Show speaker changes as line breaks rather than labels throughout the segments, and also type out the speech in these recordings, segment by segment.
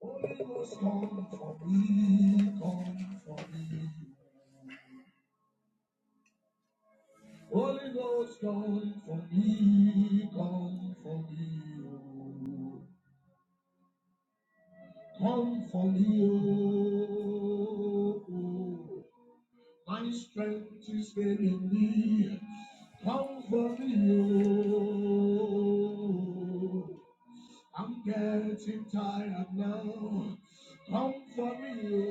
Holy Ghost, come for me, come for me. Holy Ghost, come for me, come for me. oh. Come for me, oh. oh. My strength is failing me. Come for me, oh. I'm getting tired now. Come for me,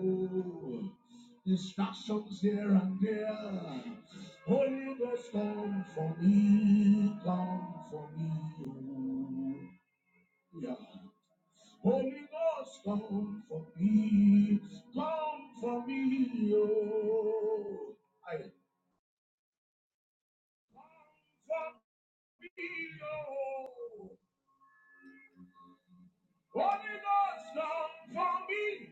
oh. Distractions here and there. Holy Ghost, come for me, come for me, oh. Yeah. Holy Ghost, come for me, come for me, oh. I come for me, oh. What it does done for me,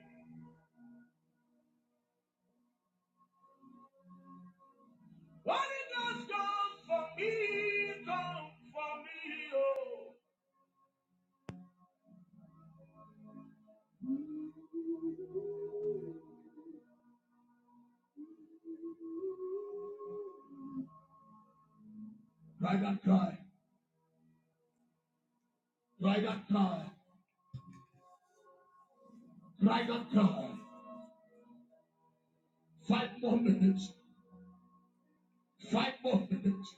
what it does done for me, done for me, oh. Cry that cry, cry that cry, cry that cry. Five more minutes, five more minutes,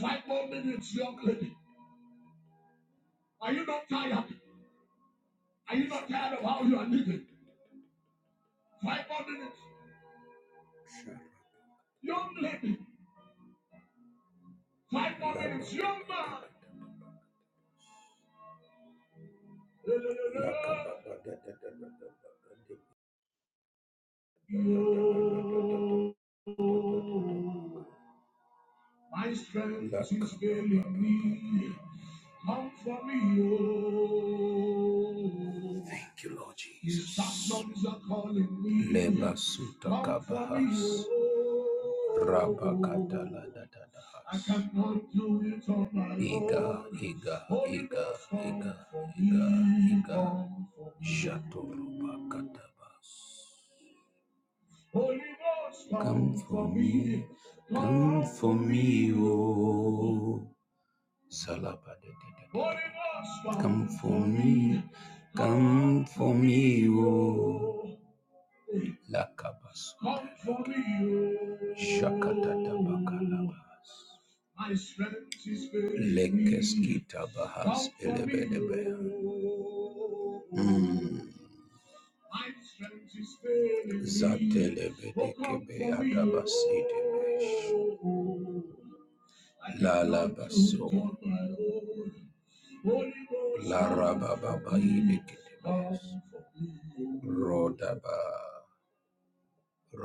five more minutes, young lady. Are you not tired? Are you not tired of how you are living? Five more minutes, young lady. Five more minutes, young man. You. My strength That's is failing me. Come for me, oh. Thank you, Lord Jesus. The Saxons are calling me. Leba suta Come for kabahas. me, oh. Rabakatala da da da has. I cannot do it on my own. Iga, Holy Iga, Iga, Iga, Iga. come for come for me, come for me, oh. Salabadadadada. Holy Ghost, Come for me, come for me, oh. Lakabas. Come for me, oh. Shakatabakalabas. My strength Lekeskita bahas elebedebe. oh. Mm. Zatele bedekebe adabasede besh. lala baso, Zatelebedekebe Adabasedebesh. Lalabaso. Larabababayedekedebesh. Rodaba.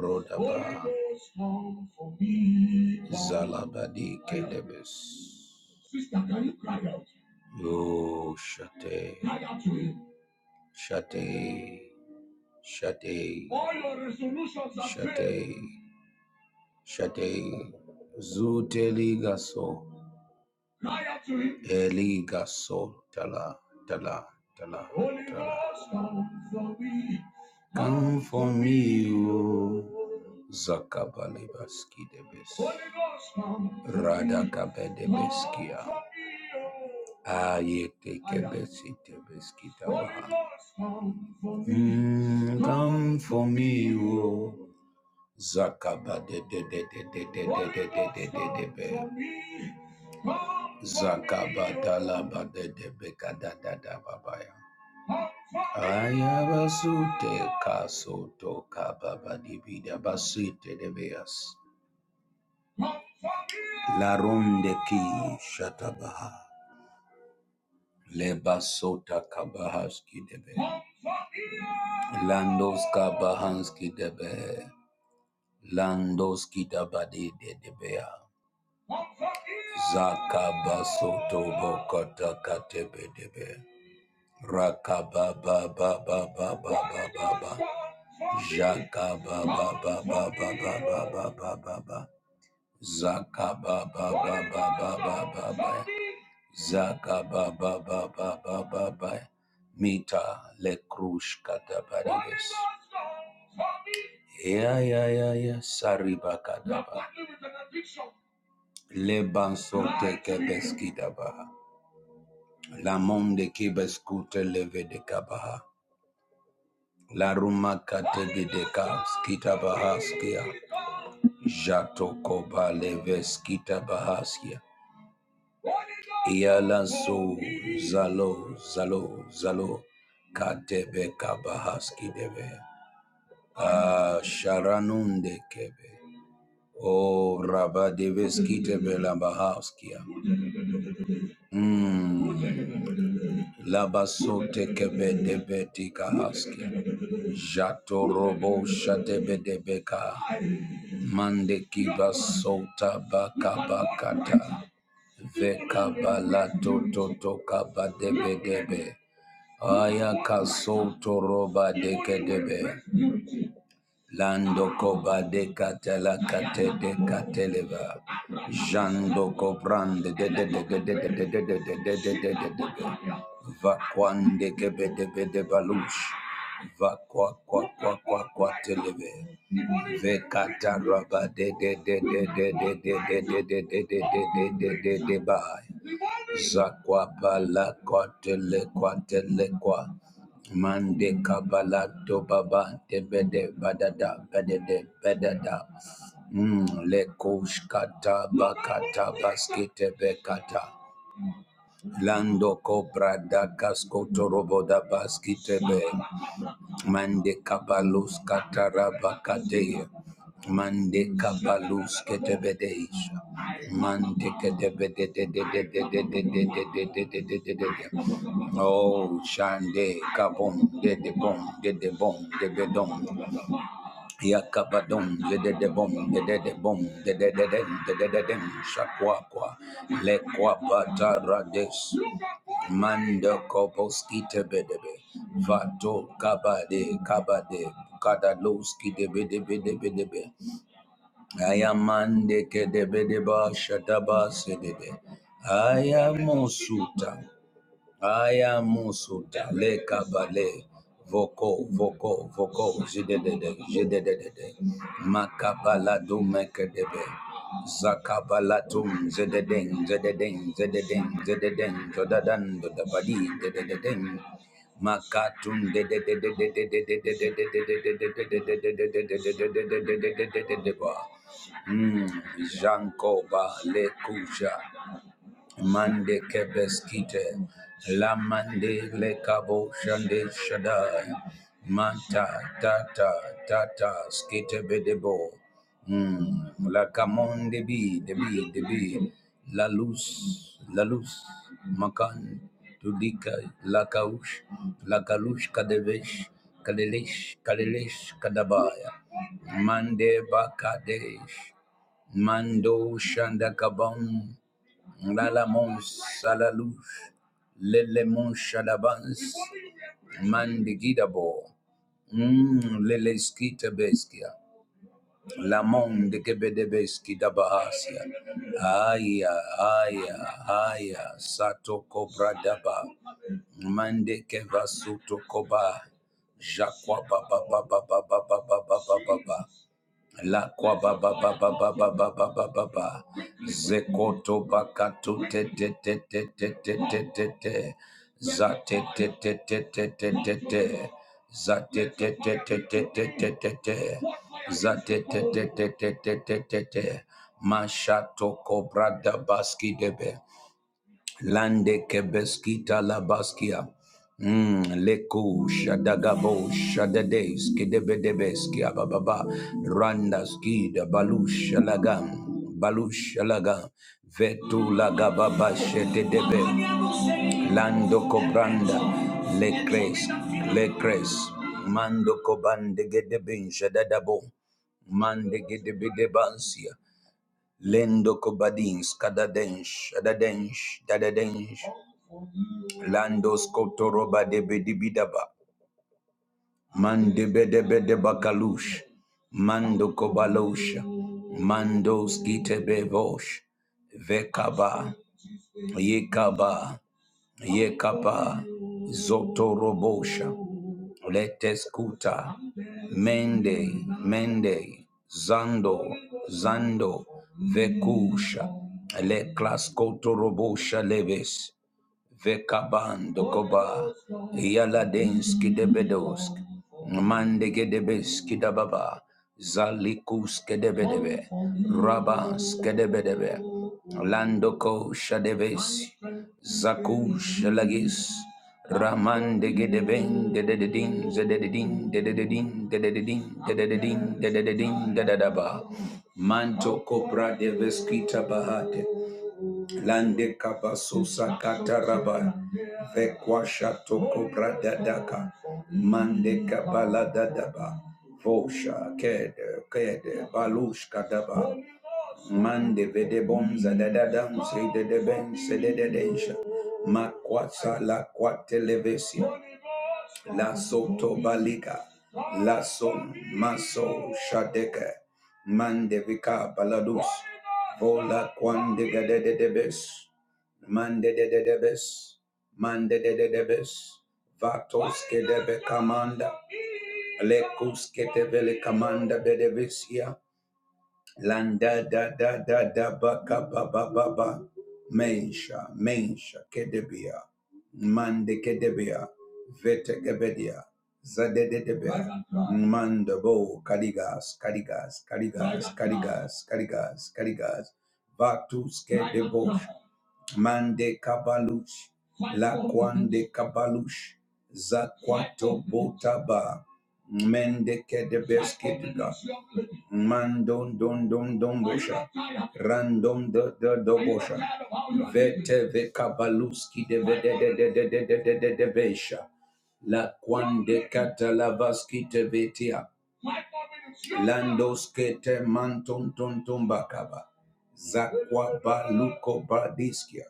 Rodaba. Zalabadikedebesh. yo Shate. Cry out to him. Shate. Shade. Shade. Shade. Zuteligaso. Cry out to him. Eliga so tala tala tala Holy tala. Ghost, come for me. Come for me, O oh. Zakabalebaski debes. Holy Ghost, come for me. Radakabe debeskia. Come Radakabedebeskia. for me, oh. Ayete I am. kebesi tebeski Holy tabaha. Ghost, come for me. Mm, Come for me, O oh. Zakaba de de de de de de de de de de de de be. Zakaba dalaba de de be kada da da babaya. Ayabasute kasoto kababa di bida basite de beas. La ronde ki shatabaha. Le basota kabahaski debe. Landos kabahanski debe. be. Landos kidabadi de de bea. Zakabasoto bokota katebedebe. Rakababa baba baba baba baba. Jakaba baba baba baba baba baba. Zakaba baba baba baba baba. Zakaba baba baba baba. Mita le krush katabaribes. Yeah, yeah, yeah, yeah. Sariba kadaba. Leban sote kebeskidaba. La monde kebeskute leve de kabaha. La ruma kate de skitabaha skia. Jato koba leve skitabaha skia. Iala so zalo zalo zalo. Katebe kabaha skidebe. Ah, sharanunde kebe. Oh, rabadeve skitebe la bahaskia. Mmm. Labasote kebede betika haske. Jato robo shate bede beka. Mande kiba sota baka bakata. Veka balato toto kaba debe debe. Aya kasoto roba deke debe. Zakwa pala kwatele kwatele kwa mande kabala to baba de bede badada bedede bedada mm, le kushkata bakata baskete bekata lando kobra da kasko toroboda baskete be Yakabadon, Yededebom, Yededebom, Dedededem, Dedededem, Shakwakwa, Lekwapata Rades, Manda Koposki Tebedebe, Vato Kabade, Kabade, Kadaloski Debedebedebedebe, Ayamande Kedebedeba Shataba Sedede, Ayamosuta. Mande kebeskite, la mande le kabo shande shadai, manta tata tata skite bedebo, Mm, la kamon debi debi debi, la luz la luz makan tudika la kaush la kalush kadevesh kalelesh kalelesh kadabaya, mande bakadesh mando shanda kabon. La la mon salalouche, le le mon chalabans, mandigidabo, mm, le le skita beskia, la mon de gebedebeski da bahasia, aya, aya, aya, sato cobra daba, mande keva suto koba, jacqua ba ba ba ba ba ba La kwa ba ba ba ba ba ba ba ba ba ba ba. Zekoto bakato te te te te te te te te te. Za te te te te te te te te. Za te te te te te te te te te. Za te te te te te te te te te. Mashato kobra da baski debe Lande kebeskita labaskia. Mm, leku shadagabo shadades kedebedebeskia bababa randa skida balush lagam balush lagam vetu lagababa shedebe lando kobranda lekres lekres mando kobande gedebin shadadabo mande gedebedebansia lendo kobadins kadadensh adadensh dadadensh Landos Kotoroba de Bedibidaba, Mande Bedebede Bakalush, Mando Kobalush, Mandos Gitebevosh, Vekaba, Yekaba, Yekaba, Zotorobosha, Leteskuta, Mende, Mende, Zando, Zando, Vekusha, Le Claskotorobo Leves, Vekabandokoba, Yaladinski debedosk, Mandege debeski dababa, Zalikus kedebedebe, Rabas kedebedebe, Landoko shadeves, Zakush lagis, Ramandege de dededin de de dededin dededin dededin dededaba, Manto copra deveskita bahate. Lande kabaso sakata raba vekwasha toko bradadaka mande kabala dadaba vosha kede kede balush kadaba mande vede bonza dadadam se de de ben se de de densha makwatsa la kwatelevesia La soto balika, la son maso shadeke, mandevika baladus, vola quande de de debes, mande de de debes, mande de de debes, vatos que debe camanda, lecus que te vele camanda bedevesia, Landa da da da da ba ka ba ba ba ba. Mensha, mensha, kedebia. Mande kedebia. Vete kebedia. Zadedebia. Mandabo, kaligas, kaligas, kaligas, kaligas, kaligas, kaligas. Vatus kedebo, Mande kabalush. La kwande kabalush. Zakwato botaba. Mendeke de beskidga. Man don don don don bosha. Random the the do bosha. Vete ve kabaluski de ve de de de de de de de de de besha. La quande catalavaski te vetia. Landos kete manton ton ton bakaba. Zakwa baluko bradiskia.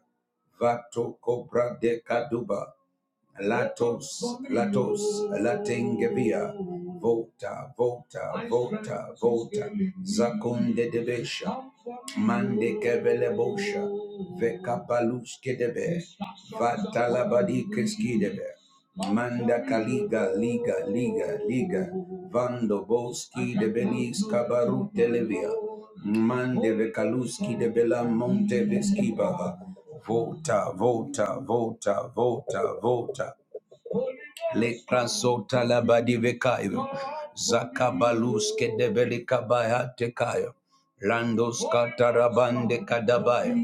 Vato cobra de caduba. Latos, Latos, Latengevia, Vota, Vota, Vota, Vota, Zakunde de Besha, Mande Kevele Bosha, Vekapaluske debe, Vatalabadi Keskidebe. Manda Kaliga Liga Liga Liga Vando Boski de Belis Kabaru Televia Mande Vekaluski de Bela Monte Veskiba Vota Vota Vota Vota Vota Lekra Sota Labadi Vekayo Zakabaluske de Belikabaya Tekayo Landos Katarabande Kadabaya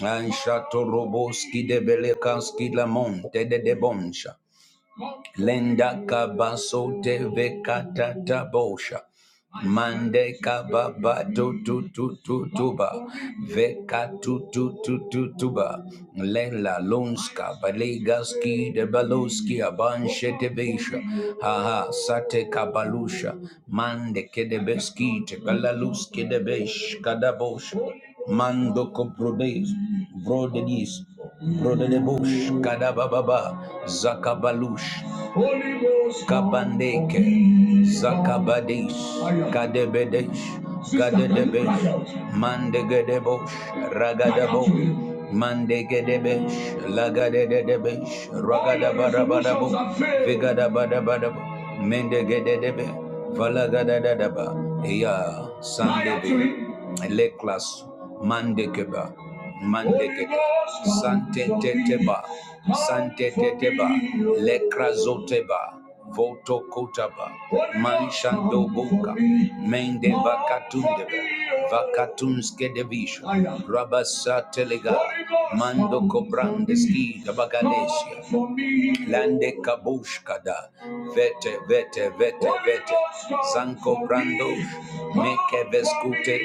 Anshato Roboski de Belekaski La Monte de Debonsha Lenda kabaso teve katata bosha. Mande kababa tu tu tu tu tuba. Veka tu tu tu tu tuba. Lela lunska balegaski de baloski abanshe tebesha. Ha haha sate kabalusha. Mande kedebeski te balaluski debesh kadabosha. Mando koprodes brodedis brodedebosh kadababa zakabalush Kabandeke, Zakabadesh, Kadebedesh, Sister, can you Kadedebesh, cry out? Mandegedebosh, Cry out Ragadabo, Mandegedebesh, Lagadedebesh, All your Mendegedebe, Valagadadadaba, Ya, Sandebe, Leklas Mandekeba Mandekeba Sante Teteba Sante Teteba Lekrazoteba Voto Kotaba Manshando Boka Mende Vakatundeba Vakatunske Devisha Rabasa Telega Mando Kobrandeski Tabagalesia Lande Kabushkada Vete Vete Vete Vete Zanko Brandosh Mekeveskute,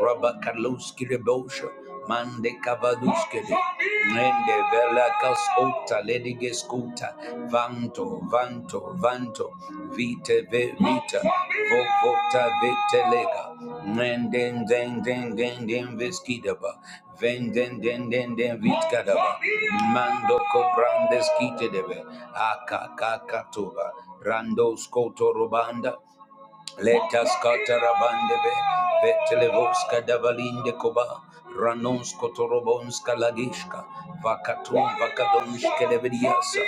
Rabakaluski Rebosha, Mande Kavaduske, Nende Velakas Ota, Ledigeskuta, Vanto, Vanto, Vanto, Vite Ve Vita, Vovota Vitelega, Nenden Den Den Den Den Veskidaba, Venden Den Den Den Vitkadaba, Mando Kobrandes Kitedebe, Aka Kakatuba, Randos Kotorobanda, Letas katarabandebe, vetelevoska davalinde koba, ranonsko torobonska lagishka, vakatum vakadonske levediasa,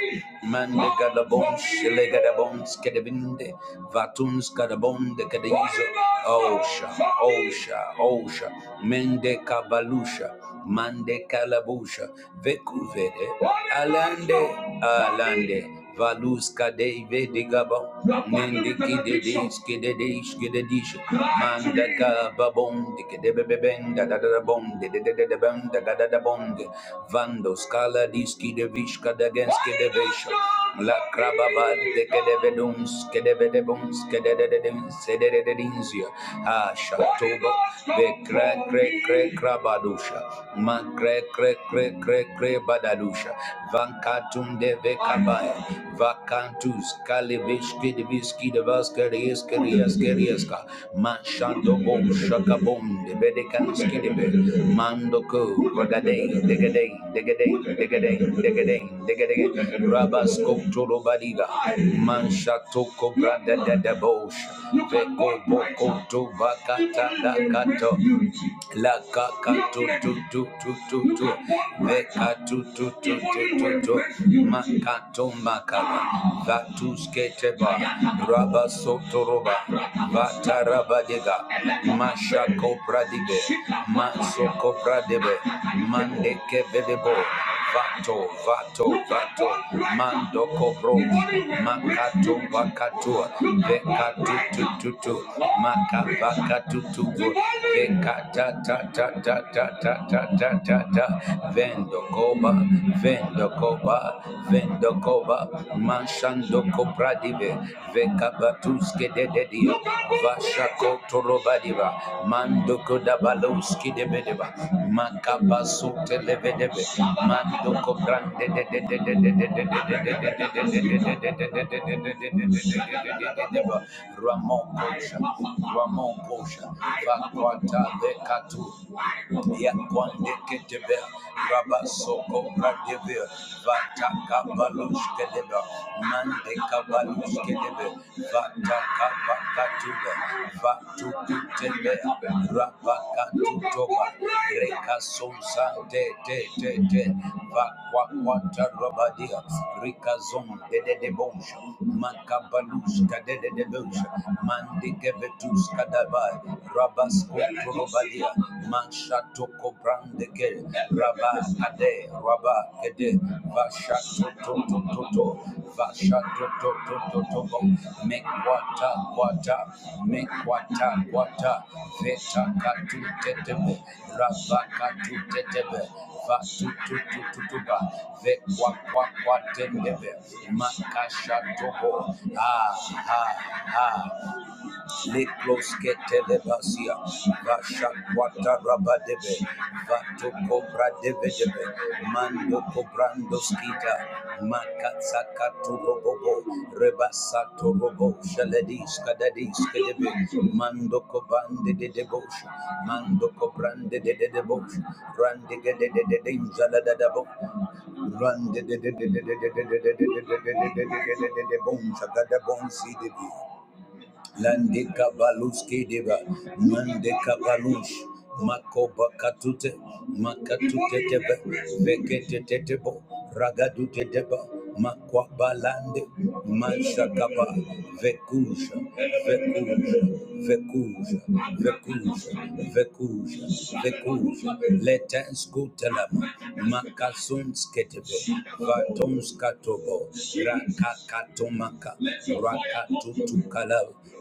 mande gadabonske legadabonske devinde, vatumska dabonde kadeizo, osha, osha, osha, mende kabalusha, Mande kalabusha, vekuvede. Alande, Alande, Valuska Deve de Gabon, Mendiki de Diski de Diski de Dish, Mandaka Babon, dike de Bebeben, da da da bom, de de de de bem, da da da da bom, Vando Scala Diski de Vishka de Genski de Vesha, La Crababa de Kedevedums, Kedevedebums, Kedededins, Sedededinsia, Ah, Shatoba, the krabadusha ma kre kre kre kre kre badadusha vankatunde vekabaya vakantus kalivishki diviski devaska rieskerias gerieska ma shando bom shakabom de bedekanski debe mando ko degade degade degade degade degade degadei rabasko tolo badiga man shatoko brada da da bosh veko boko to vakata da kato La ka tu tu tu tu tu tu ve tu tu tu tu tu tu ma ka tu ma ka ba va tu skete ba raba soto roba dega ma sha ko pradige ma so mande ke vedebo vato vato vato mando kobro makato bakatua vekatu tututu Makavakatu, tutuvu vekata ta ta ta ta ta ta ta ta ta vendo koba vendo koba vendo koba manshando kopradive vekabatuske dededio vasha kotoroba di Deba, mando da Baloski de Bedeba, Makabasu Televedebe, Mandoko Brande de de de de de de de de de de de de Vakwata de Katu, Yakwande Ketebe, Rabasoko Bradebe, Vataka Baloshkedeba, mande kabalushkedebe vatakabakatube vatukutebe rabakatutoba rekasonsantetetete vakwakwatarobadia rikazon dededebosha makabalushkadededebosha mandikevetuskadaba rabaskutrobadia mashatoko Randeke, Rabba Ade, Rabba Kede, Vasha Toto Toto, Vasha Toto Toto Toto, Make Water Water, Make Water Water, Veta Katu Tetebe, Rabba Katu Tetebe, Vatu Tutu Tutuba, Vekwa Kwa Kwa Tendebe, Makasha Tobo, Ah, Ah, Ah. Leclos get telebasia, Vasha Quata Rabba Debe, Vato Cobra Debe Debe, Mando Cobrando Skita, Makatsakatu Robobo, Rebasato Robo, Shaladis, Cadadis, Kedebe, Mando Cobande de Debosh, Mando Cobrande de Debosh, Randige de Dinjaladabo, Rande de Bonsa Gadabon Sidibi. Lande Kabaluski Deva, Mande balush, Makoba Katute, Makatute Tebe, Vekete Tetebo, Ragadute Deba, Makwabalande, Mashakaba, Vekusha, Vekusha, Vekusha, Vekusha, Vekusha, Vekusha, Letens Gutelama, Makasuns Ketebe, Vatons Katobo, Raka Rakatomaka, Rakatutukala,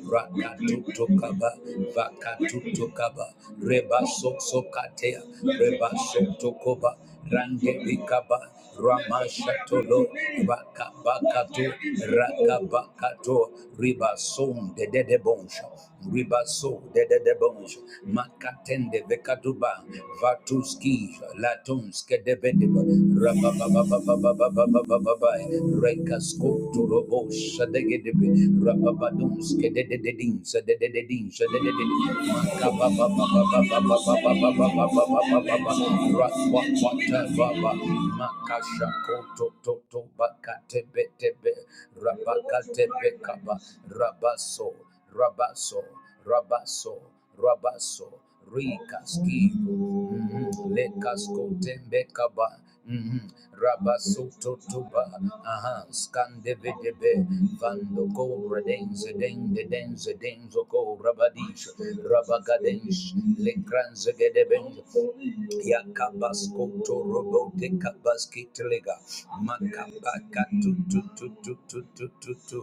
Rakatutukaba, Vakatukaba, Reba Soksokatea, Reba Sotokoba, Randebikaba, Ramashatolo, Rakabakato, Rakabakato, Riba Son de Dedebonsha, Riba So de Dedebonsha, Makatende Vekatuba, Vatuski, Latonske de Bedeba, Rabababa. Rapa Rabaso Rabaso, Rabaso, Rabaso, rikaski, mhm, Lekasko Tembekaba, mhm, Rabaso Totuba, Aha, Skandevedebe, Vando Go Redense Dende Denze Denzo Go Rabadish, Rabagadensh, Lekranze Gedebend, Yakabasko Torobo de Kabaski Telega, Makabaka Tutu Tutu Tutu Tutu,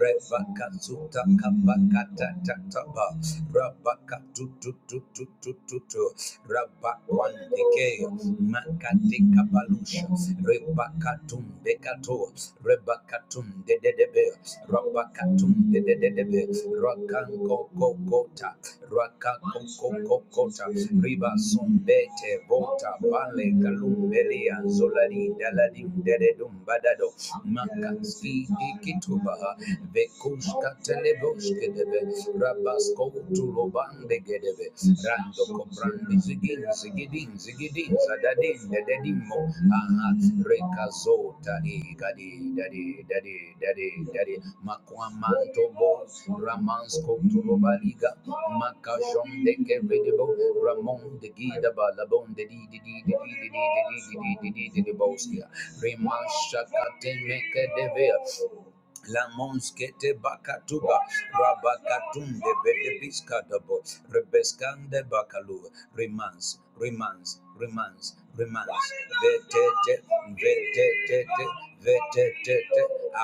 Rebaka, Zuta Kapakata Tataba Rabaka Tututututututu Rabakwandikeo Makati Kapalusha Rebakatum Bekato Rebakatum Dedebe Rabakatum Dedebe Rakanko Kokota Rakanko Kokota Riba Sombete Bota Bale Kalumbelia Zolari Daladim Dededum Badado Makaski Dikitubaha Vekushka teleboshke debe, Rabasko tulobande gedebe, Rando kobrandi zigin zigidin zigidin zadadin dededimo, aha, Rekazo tadi gadi dadi dadi dadi dadi, Makwamanto bo, Ramansko tulobaliga, Makajon de kevedebo, Ramon de gida balabon de di di di di di di di di di di di di di di boskia, Rimashaka temeke devea, Lamonskete bakatuba rabakatunde bedebiskadabo rebeskande bakalu remans remans remans remans vetete vetete vetete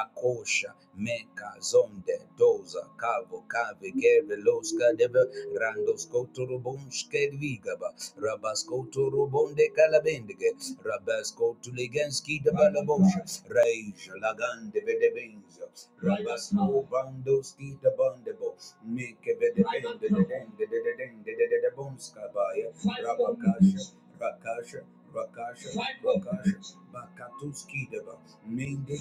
akosha meka zonde doza kavo kave keve loskadebe randoskotorobonskedvigaba rabaskotorobonde kalabendige rabaskotuligenski de balabosha reija lagande bedebinz, Jesus. Rabasmo bandos kita bandebo. Make a bed end the den the den, the bonskabaya. Rabakasha, Rakasha, Rakasha, Rakasha, Bakatuski deba. Mende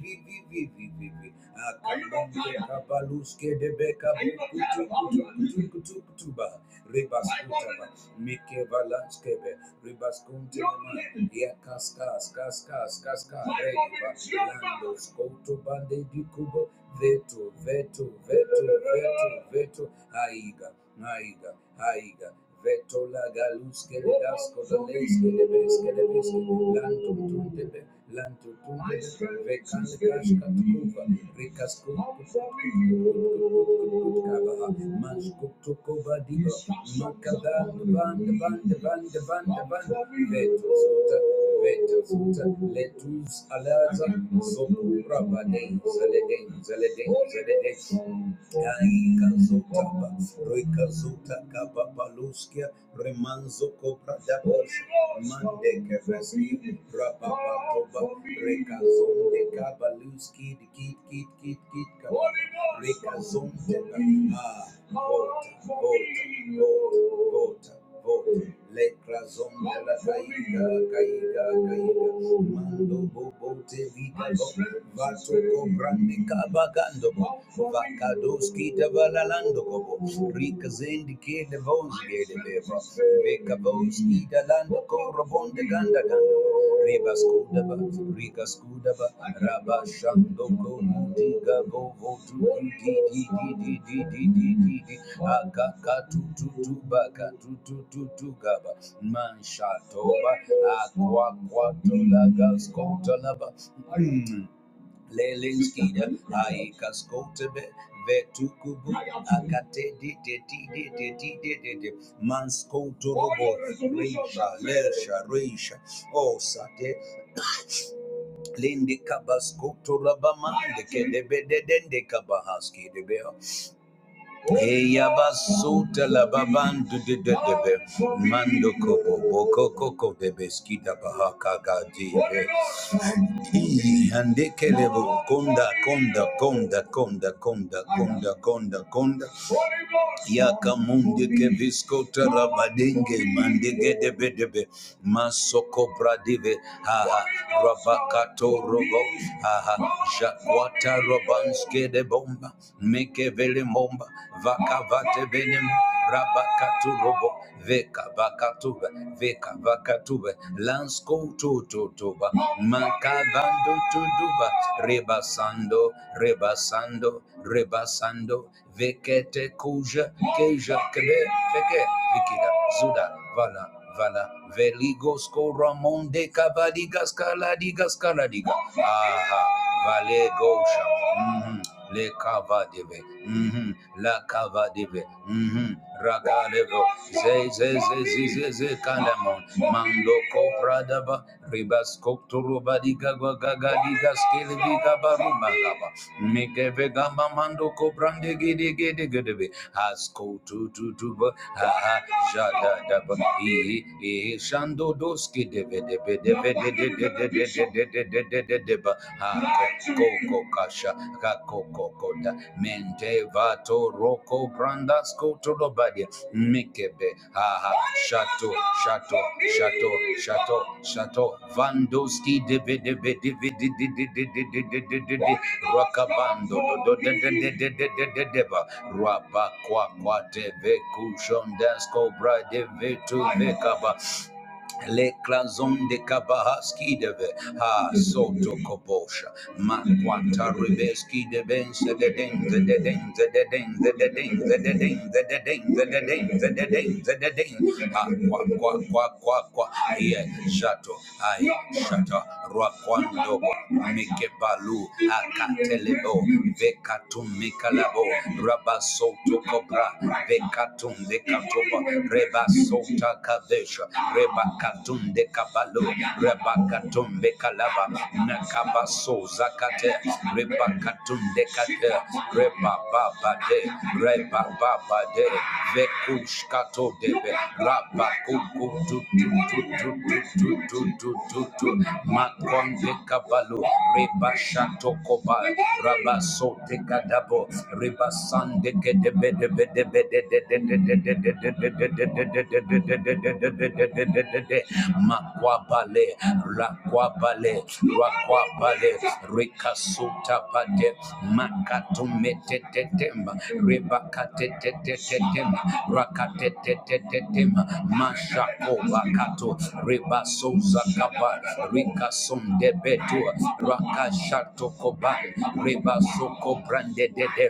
vivi Akamande kabaluske debeka kutu kutu kutu kutuba. Rebaskutaba. Mike valanskebe. Ribaskunte. Yakaska, skaska, skaska. Reba. Lando skoto bande bikubo vetu vetu vetu vetu vetu haiga haiga haiga veto la galus que le das con la ley que le ves que le ves que lanto tum de be lanto tum de be vecan casca tuva ricas con cava mas cucto cova digo macadan ban ban ban ban ban veto sota veto sota letus alaza so Rabadem, Zaledem, Zaledem, Zaledem. Gaika Zotaba, Rika Zota Kaba Paluskia, Remanzo Cobra da Bosha, Mande Kevesi, Rababa Toba, Rika Zonde Kabaluski, Kit Kit Kit Kit Kaba, Rika Zonde, Ah, Vota, Vota, Vota, Vota. Le crazon de la caída, caída, caída. Mando bobo te liga, vato cobrande cabagando, vacadoski de valalando, rica zendi que de vos de beba, beca vos de lando corobonde ganda ganda. Reba Skudaba, Rika Skudaba, Rabba Shandoko, Diga Bovo, Di Di Di Di Di Di Di Di, Akaka Tu Tu Tu Baka Tu Tu Tu Tu Gaba, Manshatoba, Aqua Quatula Gaskota Laba. Lelinskida, Aikaskotebe, Vetukubu, Akate, Manskotorobo, Risha, Lersha, Risha, O Sate, Lindi Kabaskotorabamande, Kedebe, Dende Kabahaski, Eya basuta la babandu de de de mando kobo boko koko de beskida bahaka gadi ande kele konda konda konda konda konda konda konda konda Yakamunde kevisko tarabadenge mandege debe debe masoko bradive haha rabakato robo haha ha jakwata robanske de bomba meke vele momba vakavate venem rabakato robo veka vakatuba veka vakatuba lansko toto toba makavando tuduba rebasando rebasando rebasando Vekete kuja keja kebe feke vikida zuda vala vala veligos koramonde kabadigas kaladigas kaladiga aha vale gosha mhm, le kava deve mhm, la kava deve mhm, raga levo ze ze ze ze ze ze kalamon mando kopradaba ribas koktorobadiga gaga digas barumagaba Mikeve gamba mando ko brande gede gede gedebe. be. Hasko tu tu tu ba ha ha jada da ba. E e shando doski debe debe debe be de be de de de de de de de de de de de ba. Ha koko kasha ka ko Mente vato roko brandas ko to do badi Mikebe, Haha, Shato, Shato, Shato, Shato, Shato, Vandoski, de Debe, Debe, Debe, Debe, Debe, Debe, Debe, Rakabando, Do, de De, De, De, De, De, De, De, Deba, Rabakwa, Kwa, Debe, Kushon, Dasko, de Debe, Tu, Le clanzon de Kabahaski deve ha soto kobosha ma quanta ribeski de bense de denze de denze de denze de denze de denze de denze de denze de denze de denze ha qua qua qua qua qua ye shato ai shata rwa kwando mike balu akatelebo vekatum mikalabo rabasoto kobra vekatum de katoba reba sota kadesha reba Rebakatunde kabalo, Rebakatumbe kalaba, Nakaba soza kate, Rebakatunde kate, Rebababa de, Rebababa de, Vekushkato debe, Rabakuku tu tu tu tu tu tu tu tu tu tu, Makonde kabalo, Rebashato koba, Rabasote kadabo, Rebasande kedebe debe debe debe debe debe debe debe debe debe debe debe Makwabale, Rakwabale, Rakwabale, Rikasuta Pate, Makatumetetetema, Rebakatetetetema, Rakatetetetetema, Mashakoba Kato, Rebasoza Kaba, Rikasonde Betu, Rakashato Koba, Rebasoko Brande Dede,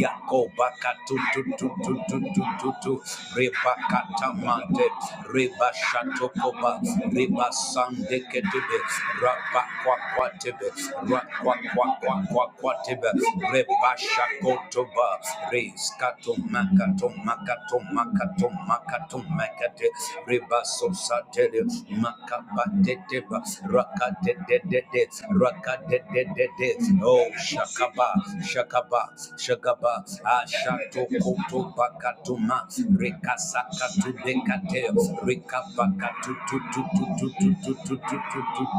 Yakoba Katu, tu, tu, tu, tu, tu, tu, tu, Rebakatamante, Reba Shatokoba, Reba Sandeketebe, Rapa Quaquatebe, Raquaquaquaquaquatebe, Reba Shakotoba, Reis Katomakato Makato Makato Makato Makate, Reba Sosatele, Makabateteba, Rakadedede, Rakadedede, Oh Shakaba, Shakaba, Shakaba, Ashatokotoba Katuma, Rekasakatu Dekate. Tales, Rickabaca, to to to to to to to to to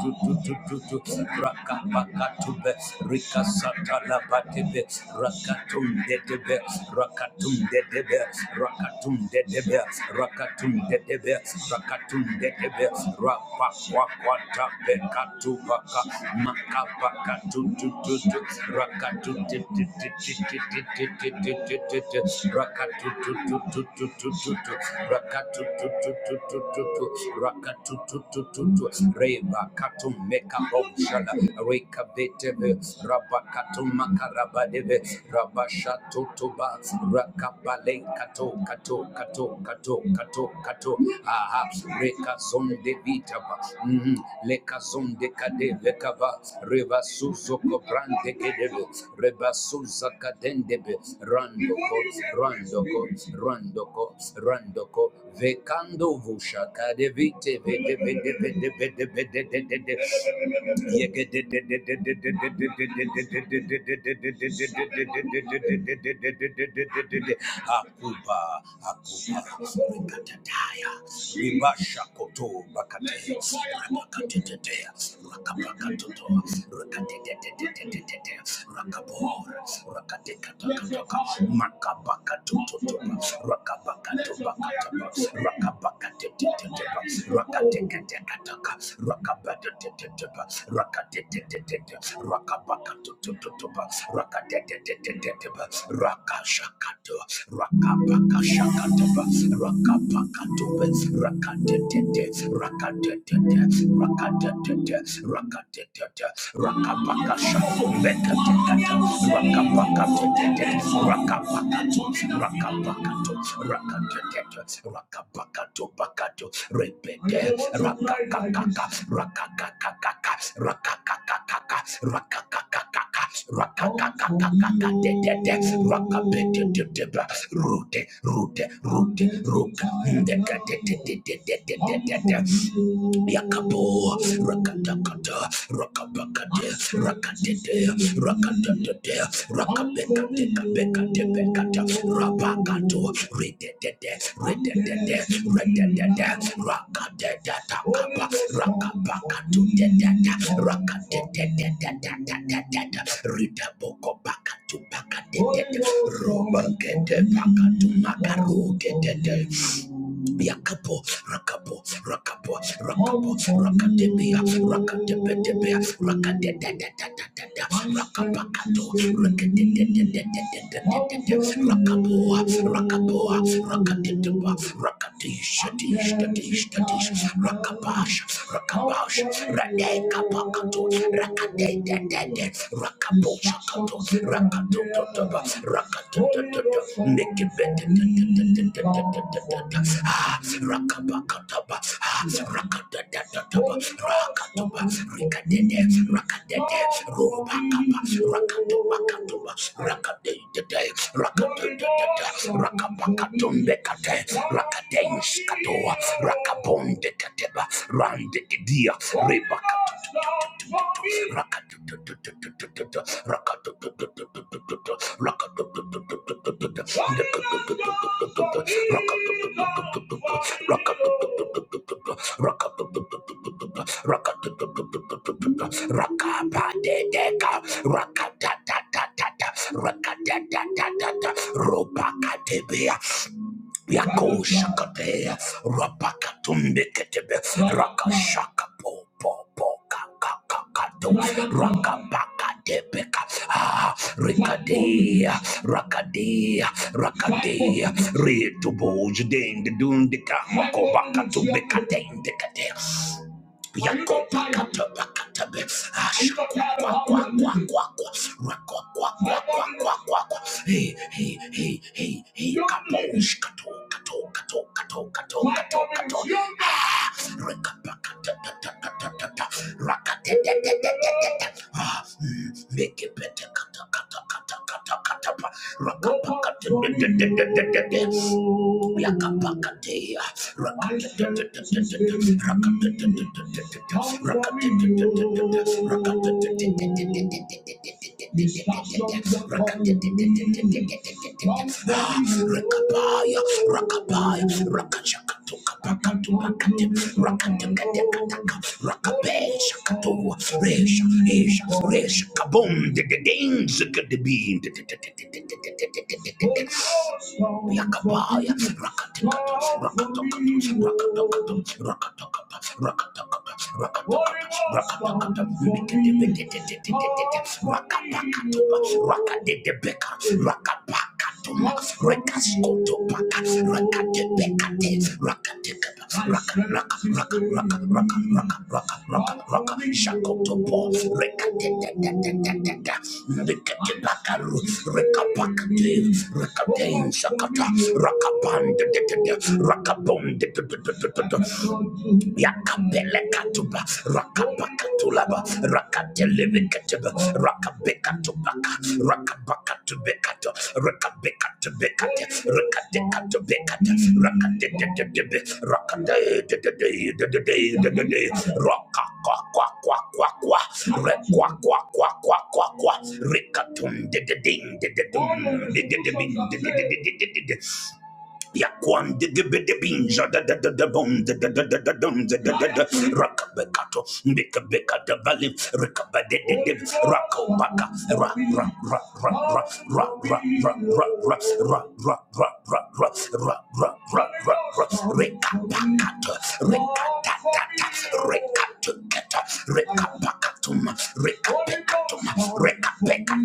to to to Rakabaca to Bets, Rickasatala Batibets, Rakatun de Bets, Rakatun de Bets, Rakatun de Bets, Rakatun de Bets, Rakatun de Bets, Rapaquata, Becatubaca, Macabaca to to to to Rakatun de Rakatu to to to to to Rakatu. Reba katum meka bomshala reka betebe rabakatum makarabadebe rabashato toba rakabale kato kato kato mhm, randoko randoko randoko randoko vekando vushaka de vite vede vede vede vede vede de de de akuba akuba rikatataya ribasha koto bakate rakakatetetea rakapakatoto rakatetetetetetete rakabora rakatekatakatakata makabakatototo Rakapaka Rakapakato, rakapakato, rakapakato, Reketo, Rakapakato, Pakato, Repete, Rakakaka Rakakakaka, Rakakakakaka, Rakakakakaka, Rakakakakaka, Rakakakakaka, Dede, Rakapetete, Rute, Rute, Rute, Ruka, Ndekatete, Yakapo, Rakatakata, Rakabakate, Rakatete, Rakatatete, Rakabekate, Kabekate, Bekata, Rabakato, Rite Rakadadada, Yakapo, Rakapo, Rakapo, Rakapo, Rakatepia, Rakatepetepia, Rakatetetetetetete, Rakapakato, Rakatetetetetetetete, Rakapoa, Rakapoa, rakatitaba, rakati, shati, shati, shati, rakabash, rakabash, Rade kapakato, rakade de de de, rakabo shakato, rakato to to to, rakato to to to, neke bete te te te te te te te te te te, ah, rakabakata ba, ah, rakada da da da ba, rakato ba, rikade de, rakade de, roba kapa, rakato bakato ba, rakade de de, rakade de de de, rakabakato mbekate, rakade iskato, rakabonde kateba randegedia rebakatututututu rakatututututututu rakatututututututu rakatututututututu rakapatedeka rakatatata rakatatata robakatebea Yako shakate, rapakatumbe ketebe, rakashaka po po po ka ka ka ka do, rakabaka debeka, ah, rikadea, rakadea, rakadea, retubo judende dundika, makobaka tumbeka dende kate. Yakopakatabakatabe. Ashakwakwakwakwakwa. Rakwakwakwakwakwakwa. Hey, hey, hey, hey, hey. Kaposh, kato, kato, kato, kato, kato, kato, kato. Ah, rekapakatatatatata. Rakatetete. Mekepetekatakatatakatakapa. Rakapakatetetetetete. Yakapakatea. Rakapaya, rakapaya, rakachakatuka. Rakatip, Rakatip, Rakabe, Shakato, Resh, Resh, Resh, Kabum, the Danes, the Bean, the Yakabaya, Rakatik, Rakatok, Rakatok, Rakatok, Rakatok, Rakatok, Rakatok, Rakatok, Rakatok, Kadiba, Rakade de Beka, Rakapaka Toma, to Topaka, Rakate Bekate, Rakate Kaba, Raka, Raka, Raka, Raka, Raka, Raka, Raka, Raka, Raka, Shakoto Po, Rekate da da da da da da, Rekate Bakaru, Rekapaka De, Rekate Sakata, Rakapan de de de de, Rakapon de de de de de de, Ekatuba, Rakapakatulaba, Rakatelebekateba, Rakabekatubaka, Rakabakatubekato, Rakabekatubekate, Rakadekatubekate, Rakadededebe, Rakadedededededededede, Rakakwakwakwakwa, Rekwakwakwakwakwakwa, Rikatumdededing, dededum, dededeming, dedededededede.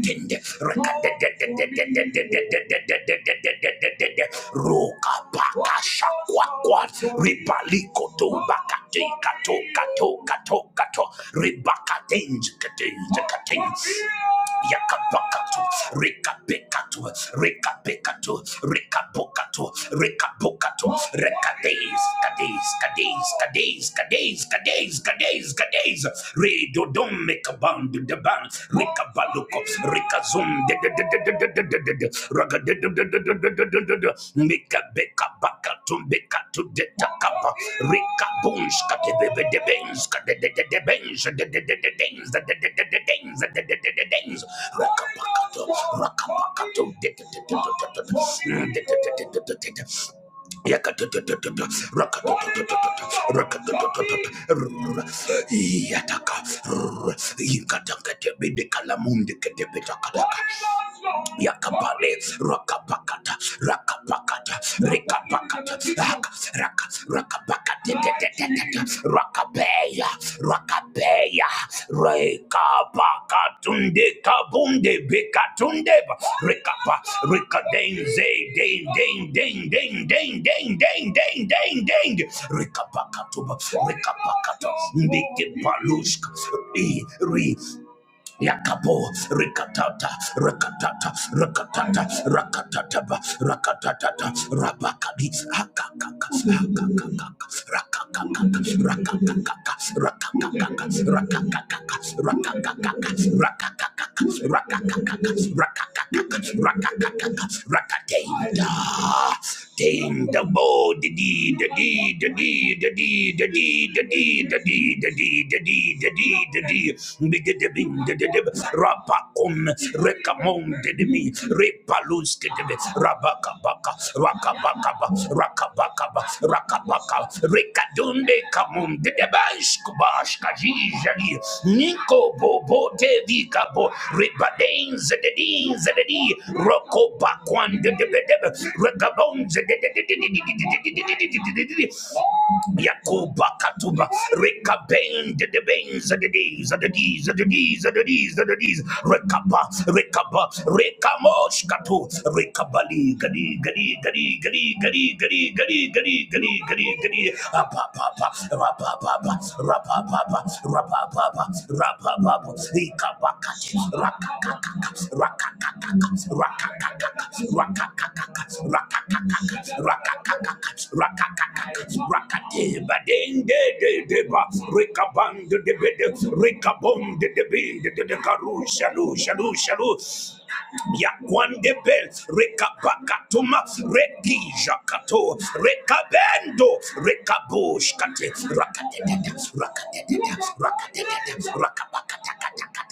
roka pakasha kwakwa ribaliko tombakate kato kato kato kato ribakatenj katenj katenj Yakapakatu, Rikapekatu, Rikapekatu, Rikapokatu, Rikapokatu, Rekades, Kades, Kades, Kades, Kades, Kades, gadays, gadays. Redo dom make a band the band. Rika baluko, Rika zoom. Mika beka baka to beka to the takapa. Rika boons, kadebe de bens, kadebe de bens, the dens, the dens, the dens. Raka baka to, raka baka to, Yakatatatatata, rakatatatatata, Rakapeya, Rakapeya, Reka Baka Tunde Kabunde Bika Tunde Rekapa Reka Ding Zay Ding Ding Ding Ding Ding Ding Ding Ding Ding Ding Reka Baka Tuba Reka Baka Tunde Balushka E Re Yakabo, Rikatata, Rakatata, Rakatata, Rakatataba, Rakatatata, Rabakadi, Haka, Ding the bo the dee the dee the dee the dee the dee the dee the dee the dee the dee the dee the dee Big the bing the the the rapacum recamon the me repalus the rabaka baka rabaka baka rakapa rakapaka rekadunde kamunde debash kubash kajijani niko bobo devi kabo ribadenze dedinze dedi roko bakwande debedebe rekabonze Yakuba Katuba rekabend the de of the days of the days of the days of the days of the days, Rekaba Rekaba Rekamosh Katu Rekabali Gadi Gadi Gadi Gadi Gadi Gadi Gadi Gadi Gadi Gadi Gadi Apapapa Rapapapa Rapapapa Rapapapa Rapapapa Ikabakati Rakakakaka Rakakakaka Rakakakaka Rakakakaka Rakakakaka rakakaka rakakaka rakate badende de deba rikaband de bede rikabond de bende de karu shalu shalu shalu Yakwande bel rekapakatuma rekijakato rekabendo rekabush kate rakatete rakatete rakatete rakapakatakatakata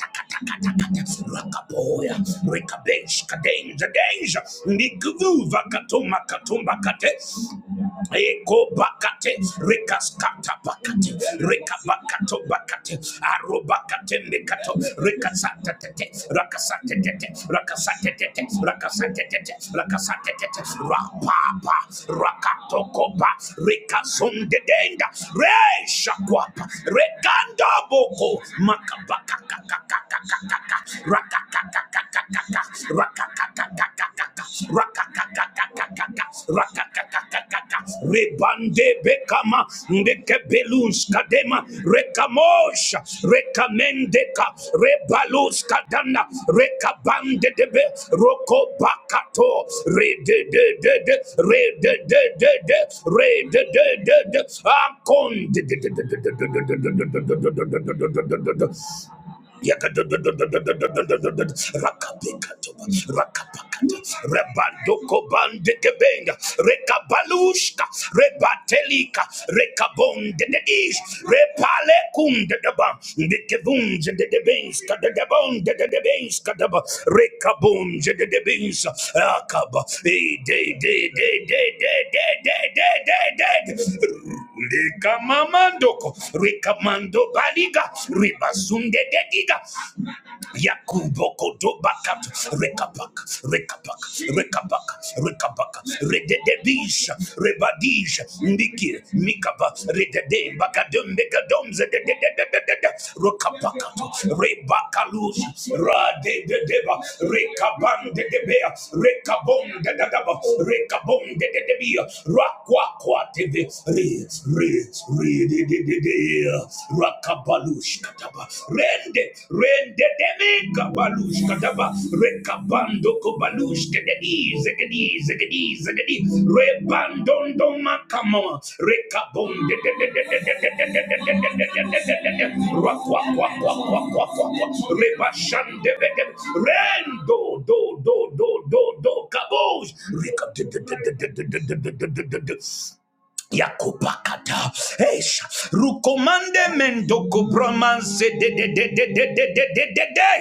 Rakapoya, Rikabesh, Kadenja, Denja, Nigvuva, Katuma, Katumba, Kate, Eko bakate, rekaskata bakate, rikabakato bakate, arobakate mekato, rekasata tete, rakasate tete, rakasate tete, rakasate tete, rakasate tete, rapapa, rakatokopa, rekazonde denga, reshakwapa, rekandaboko, Rebande bekama ndeke belus kadema rekamosha rekamende ka rebalus kadana rekabande debe roko bakato re de de de de re de de de de re de de de de akon de de de de de de de de de de de de de de de de de Rakapekatoba, rakapakata, rebandoko bandekebenga, rekabalushka, rebatelika, rekabonde de ish, repale kunde deba, kadadabon dadadabes kadaba rekabon jadadabes akaba day, day, day, day, day, day, day. de de de de Rikamamandoko, Rikamando Baliga, Ribazunde Dediga, Yakumboko do bakat Rekapak, Rekapak, Rekapak, Rekapak, Rededebish, Rebadish, mikir Mikaba, Redede, Bakadum, Bekadum, Zededededededed, Rokapakato, Rebakalus, Radededeba, Rekaban de Debea, Rekabon de Dadaba, Rakwakwa Tebe, Re, Re, Re, dedededea, rakabalush kataba rende rende demi kabalush kataba rekabando kobalush kededi zegedi zegedi zegedi rebandondo makama rekabonde de de rakwa kwa kwa kwa kwa kwa kwa rebashande rendo do do do do do kabosh rekab de Yakupakata. Esha. Rukomande mendoko bromanse de de de de de de de de de de.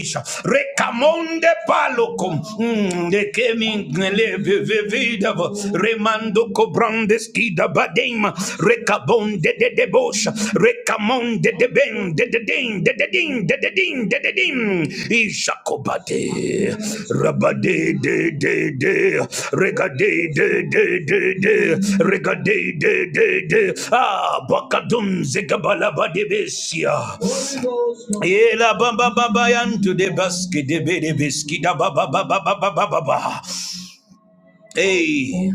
Esha. Rekamonde palokum. Mm, De kemi ngeleve vevidava. Remando kobrande skida badema. Rekabonde de de de bosha. Rekamonde de ben de de de. de ding de de ding de de ding ishakobade rabade de de de regade de de de de regade de de de ah bakadum zekabalabade besia Ela bamba bamba yantu de baski de bede da baba baba baba baba ba Hey,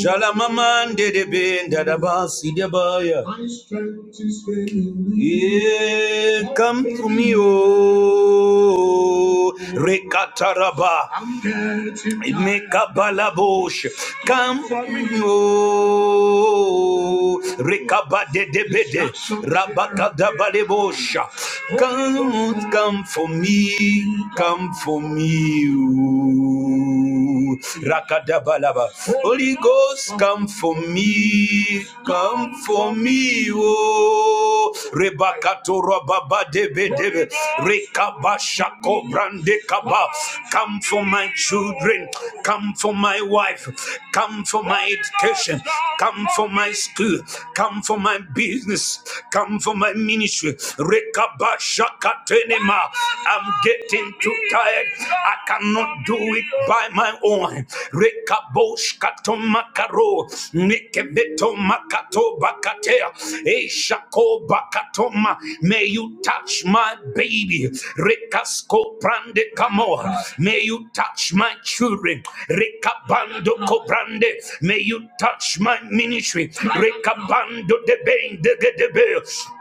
Jalamaman de de ben da da ba si de ba Yeah, come to me, oh, Rekataraba, Mekabalabosh, come to me, oh, Rekabade de Bede, Rabakadabalebosha, come, come for me, come for me, oh you. Rakadabalaba. Holy Ghost, come for me. Come for me. Oh, Rebakato Rababa Debe Debe. Rekaba Shako Brande Kaba. Come for my children. Come for my wife. Come for my education. Come for my school. Come for my business. Come for my ministry. Rekaba Shakatenema. I'm getting too tired. I cannot do it by my own. Rekabosh katomakaro, nikebeto makato bakatea, eshako bakatoma. May you touch my baby. Rekasko prande kamo. May you touch my children. Rekabando kobrande. May you touch my ministry. Rekabando debende gedebe.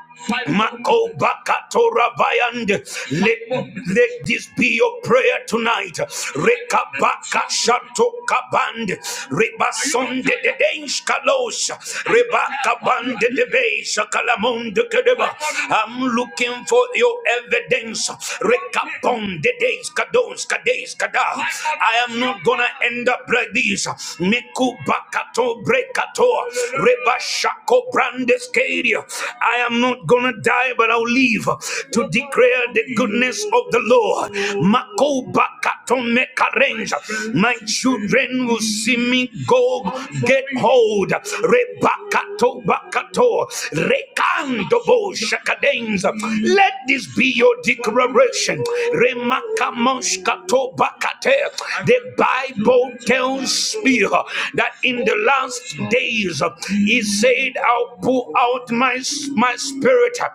Mako bakatora bayand. Let, let this be your prayer tonight. Rekabaka shato kaband. Reba sonde de densh kalos. Reba kaband de beisha kalamon de kedeba. I'm looking for your evidence. Rekabon de deis kados kades kada. I am not gonna end up like this. Meku bakato bre Kato, Reba Shako I am not gonna die, but I'll live to declare the goodness of the Lord. Mako Bakato Mekarenja. My children will see me go get hold. Rebakato Bakato Rekando Bo Shakadenza. Let this be your declaration. Remakamoshkato Bakate. The Bible tells me uh, that in the last days, uh, he said, I'll pour out my, my spirit uh,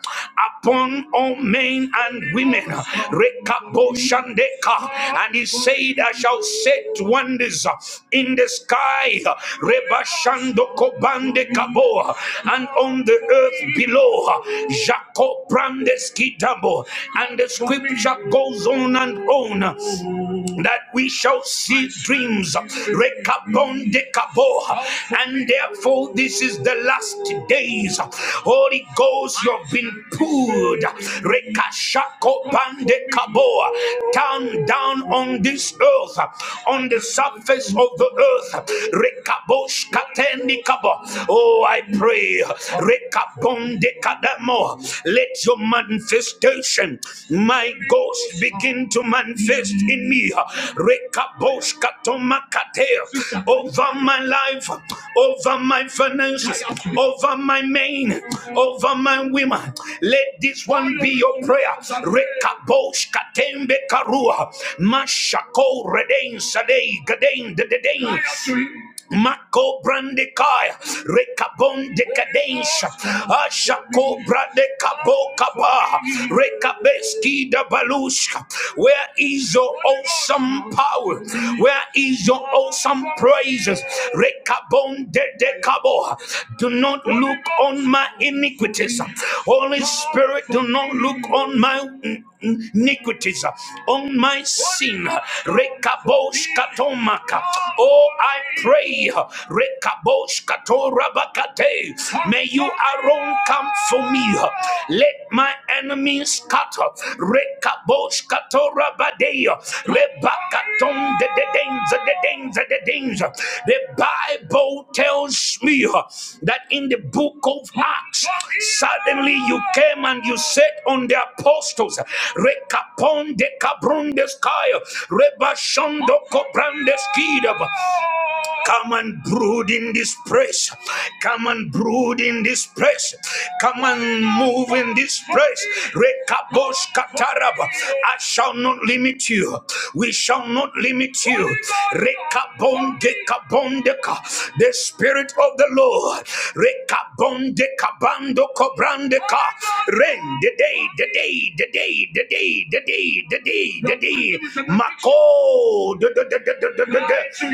upon all men and women. Rekaboshandeka. And he said, I shall set wonders uh, in the sky. Rebashandokobandekabo. And on the earth below. uh, Jacob and the scripture goes on and on that we shall see dreams. Rekabon dekabo. And therefore, this is the last days. Holy Ghost, you've been pulled. Rekashako bandekabo. Down, down on this earth, on the surface of the earth. Rekabosh katendikabo. Oh, I pray. Rekabonde kadamo. Let your manifestation, my ghost, begin to manifest in me. Rekabosh katomakate. Over my life, over my finances, over my men, over my women. Let this one be your prayer. Rekabosh katembe karua. Mashako reden sadei gaden dededen. Mako brandekaya, rekabon dekadensha, ashako brandekabo kaba, rekabeski da balushka. Where is your awesome power? Where is your awesome praises? Rekabon dedekabo. Do not look on my iniquities. Holy Spirit, do not look on my iniquities, on my sin. Rekabosh katomaka. Oh, I pray. Rekabosh katorabakate. May you, Aaron, come for me. Let my enemies scatter. Rekabosh katorabade. Rebakaton de de danger, the danger, the danger. The Bible tells me that in the book of Acts, suddenly you came and you sat on the apostles. Rekapon de kabrundes kaya. Rebashondo kobrandeskidab. Come and brood in this place. Come and brood in this place. Come and move in this place. Rekabosh kataraba. I shall not limit you. We shall not limit you. Rekabonde kabondeka. The spirit of the Lord. Rekabonde kabando kobrandeka. Ren the day, the day, the day, the day, the day, the day, the day. Mako. The the the the the the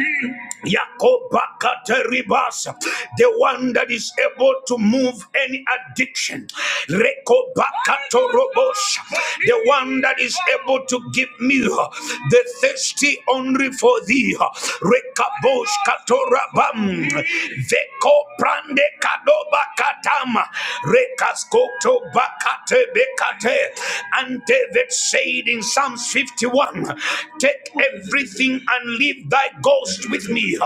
Yakobakateribasa, the one that is able to move any addiction. Rekobakatorobos, the one that is able to give me the thirsty only for thee. Rekabosh katorabam, veko prande kadoba katama, rekaskoto bakate bekate, ante vetsei in Psalms fifty-one, take everything and leave thy ghost with me.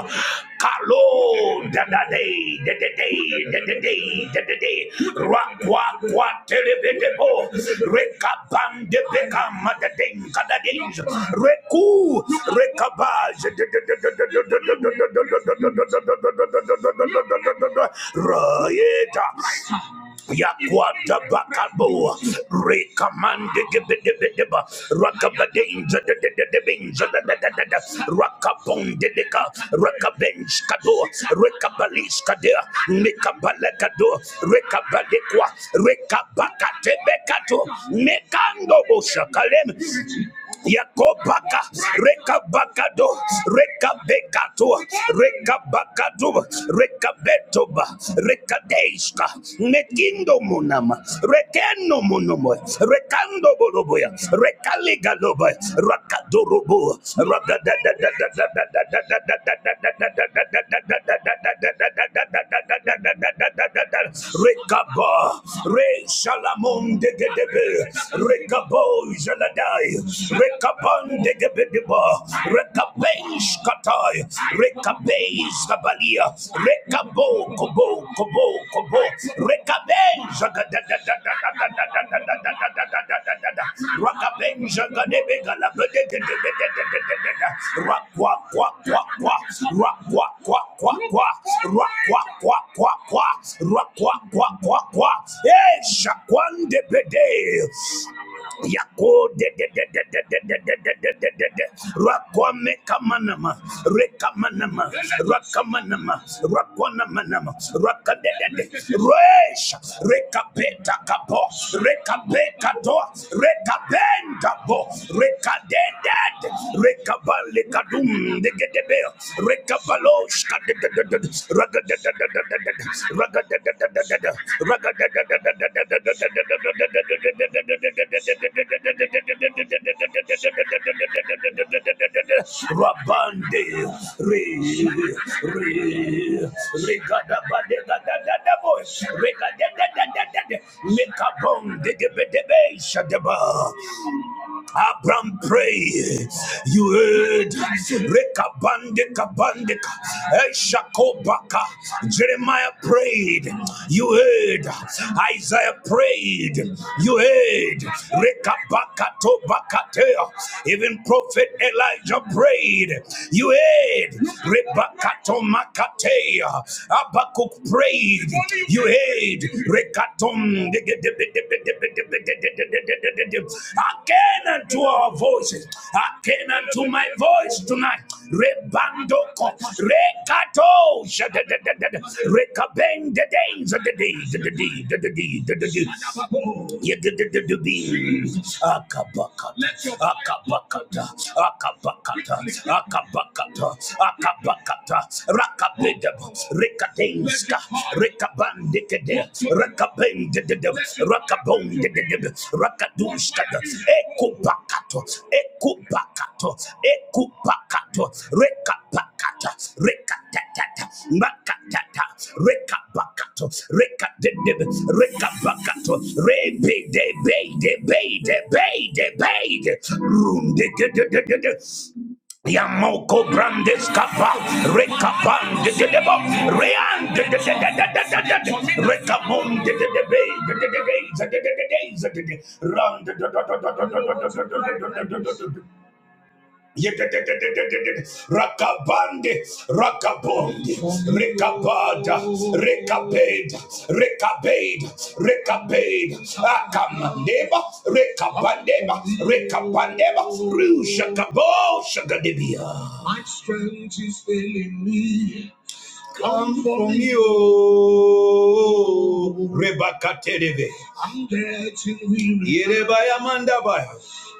Yakwata bakabo rekamande gebedebedeba rakabadenza dededebenza dadadadada rakapondedeka rakabench kado rekabalish kadea mekabalekado rekabalekwa rekabakatebekato mekando boshakalem Yakobaka, Rekabakado, Rekabekato, Rekabakado, Rekabetoba, Rekadeshka, Nekindo Munama, Rekeno Munomo, Rekando Boroboya, Rekaligaloba, Rakadurubu, Rekaba, Re Shalamon de Gedebe, Rekabo, Zeladai, Rekapan de Gebediba, Rekabesh Katai, Rekabesh Kabalia, Rekabo Kobo Kobo Kobo, Rekabesh Rakabesh Gadebega la Rakwa Kwa Kwa Kwa Rakwa Kwa Kwa Kwa Rakwa Kwa Kwa Kwa Rakwa Kwa Kwa Kwa Eh Shakwande Bede Yako de de de de de de de de de de de de de. Rakwame kamanama, rekamanama, rakamanama, rakwanama, rakadede, resh, rekapeta kapo, rekapeka to, rekapenda bo, rekadede, rekabale kadum de gedebe, rekabalosh kadededede, ragadededededede, ragadededededede, ragadededededede, Rabande re re regada bade gada gada boy regada gada gada de mekabong de de de de shadeba Abraham prayed, You heard Rekabandeka Bandeka Eshakobaka. Jeremiah prayed. You heard Isaiah prayed. You heard Rekabaka Tobakatea. Even Prophet Elijah prayed. You heard Rebakato Makatea. Abakuk prayed. You heard Rekatom. Again unto our voices, again unto my voice tonight. Rebandoko, Rekato, Rekabeng the days of the day, the day, the day, the day, the day, Akabaka, Akabakata, Akabakata, Akabakata, Akabakata, Rakabeda, Rekatenska, Rekabandekede, Rakabendede, Rakabondedede, Rakaduska, Ekupakato, Ekupakato, Ekupakato, Rekapakata, Rekatata, Makatata, Rekapakato, Rekadede, Rekapakato, Rebe de Bay de Bay de Bay de Bede, de Bede, de. Yamoko brandes kapa rekapan de de debo rean de de de de de de de de de rekamon de de de be de de de de de de de de de de de de run de de de de de de de de de de de de de de Rakabande, rakabonde, rekabada, rekabed, rekabed, rekabed, akamandeba, rekabandeba, rekabandeba, rushakabo shagadibia. My strength is failing me. Come for me, oh Rebecca Terebe. I'm dead and weary. Yerebaya Mandabaya.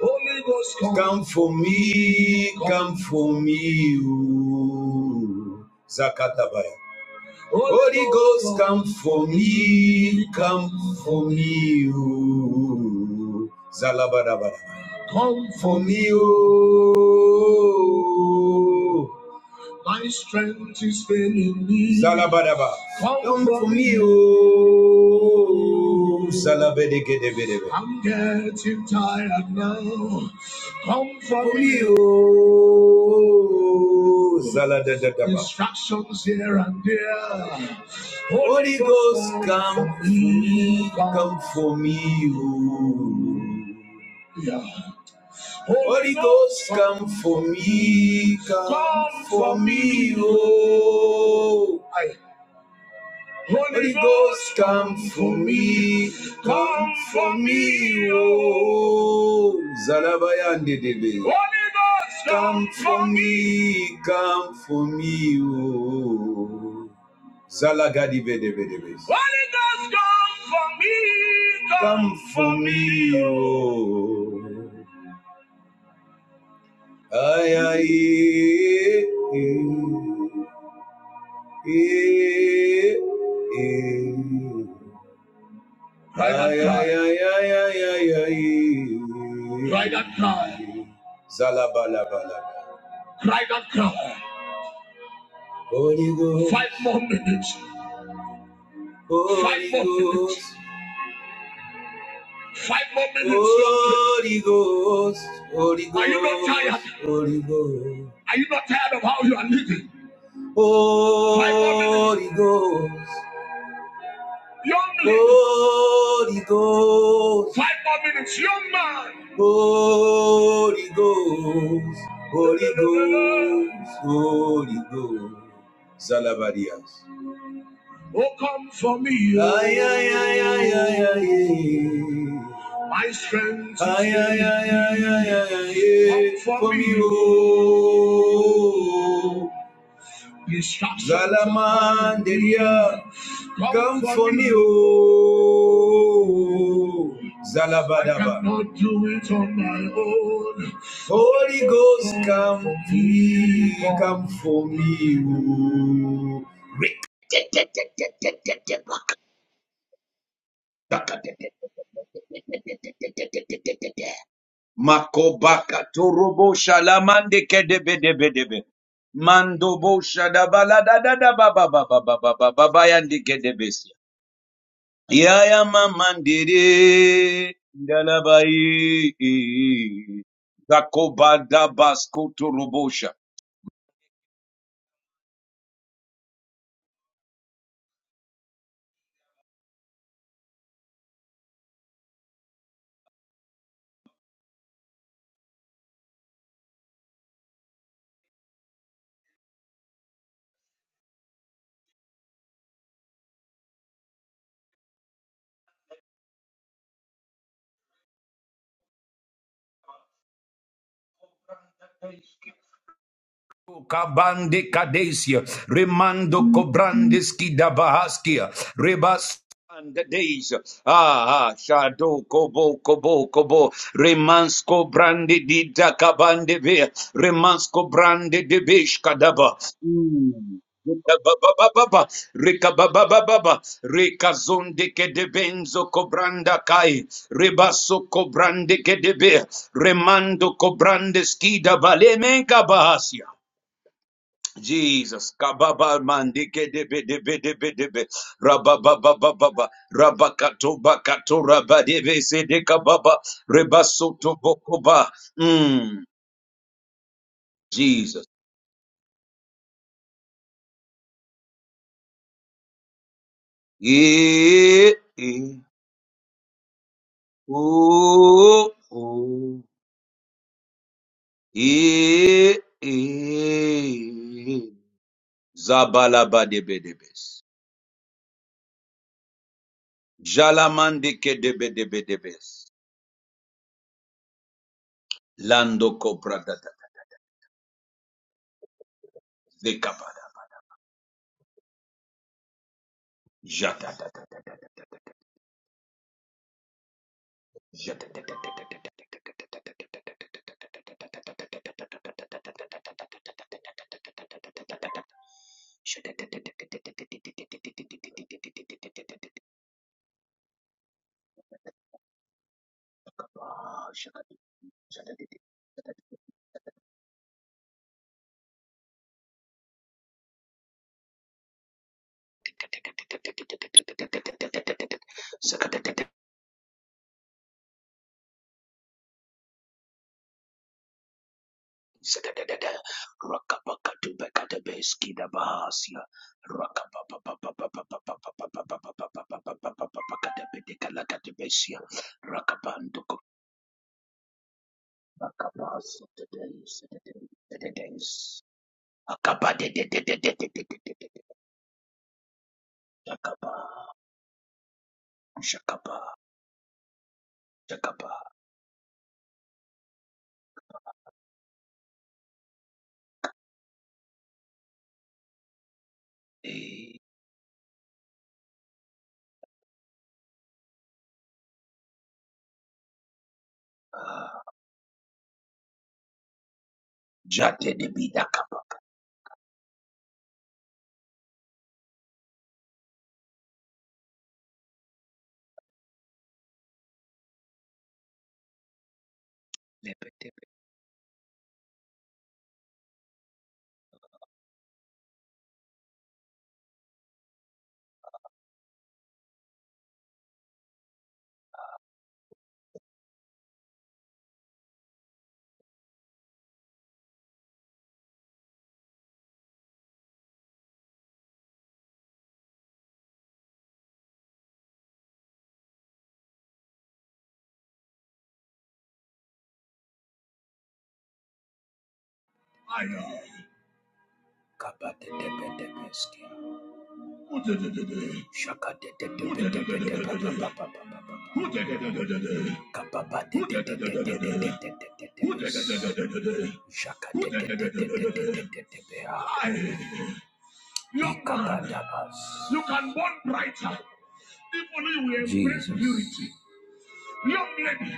Holy Ghost, come. Come for me, come for me, oh Zakatabaya. Holy Ghost, come for me, come for me, oh Zalabadabaya. Come for me, oh my strength is failing me. Zalabadaba. Come, Come for me, O Zalabedegedebedebe. I'm getting tired now. Come for me, O Zaladadadaba. Instructions here and there. Holy Ghost, come for me. Come for me. Yeah. Holy Ghost, come for me. Come for me, oh. Holy Ghost, come for me, come for me, oh. Zalabayande debe. Holy Ghost, come for me, come for me, oh. Zalagadi debe debe. Holy Ghost, come for me, come for me, oh. Ay, ay, eh, eh, eh, eh. eh. Ay, ay, Cry that cry. Zalabalabala. Cry that cry. Holy Ghost. Five more minutes. Five more minutes. Five more minutes. Holy Ghost. Holy Ghost. Are you not tired? Holy Ghost. Are you not tired of how you are living? Holy Ghost. Young Holy Ghost, five more minutes. Young man, Holy Ghost, Holy Ghost, Holy Ghost. Zalabadias. oh come for me, Ay, ay, ay, ay, ay, ay, oh my strength Ay, is ay, weak. ay, ay, ay, ay, ay, Come for me, oh Zalaman Zalamanderia, come for me, oh. Zalabadaba. I cannot do it on my own. Holy Ghost, come, for me, come for me, oh. Makobaka torobo shalamande kedebedebedebe. Mandobo shadabala da da da ba ba ba ba ba ba ba ba ba yandi kedebesi. Yaya mamandiri ndalabai zakobada basko turubosha Kabande Kadesia, Remando Kobrandis Kidabahaskia, Rebas and the days. Ah, ah, Shado Kobo Kobo Kobo, Remansko Brande Dida Kabande Ve, Remansko Brande de Kadaba. Mm. Ba-ba-ba-ba-ba-ba. Rika-ba-ba-ba-ba-ba. Rika-zonde kedebenzo kobranda kai. Rebaso kobrande kedebe. Remando kobrande skida balemenka bahasia. Jesus, kababa mandike debe debe debe debe, rababa baba baba, rabakato bakato rabadebe sede kababa, rebasoto bokoba, mm, Jesus. E, e, o, o, e, e, zabalaba debe debes, jalamandike debe debe debes, lando kobra data, dekabada, Rakabandu Akapas of the days, the days, the days. Akapa de de de de de de de de de de Shakapa, shakapa. Eh, Jate de bida kapa. Lepe de be. Kapa de de be de be skia. Ute de de de. Shaka de de de be de be de ba de de de de de. de de de de de de de Shaka de de de de de de de de de. young man, you can burn brighter if only you embrace Jesus. purity. Young lady,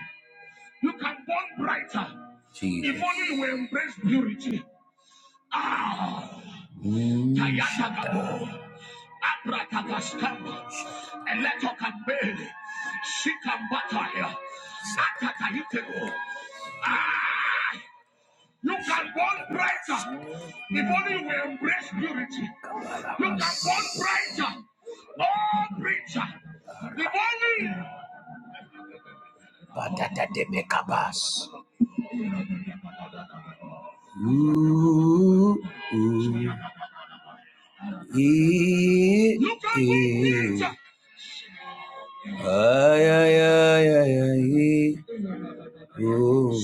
you can burn brighter Jesus. if only we embrace purity. Mm, Tayatagabo, Abrakabaskamba, Eletokambe, Shikambataya, Saka. Ah! Look at one brighter. The morning will embrace purity. Look at one brighter. All preacher. The morning. Ooh, ooh, ee, Look at one ee. brighter. Ay, ay, ay, ay, ay, ooh.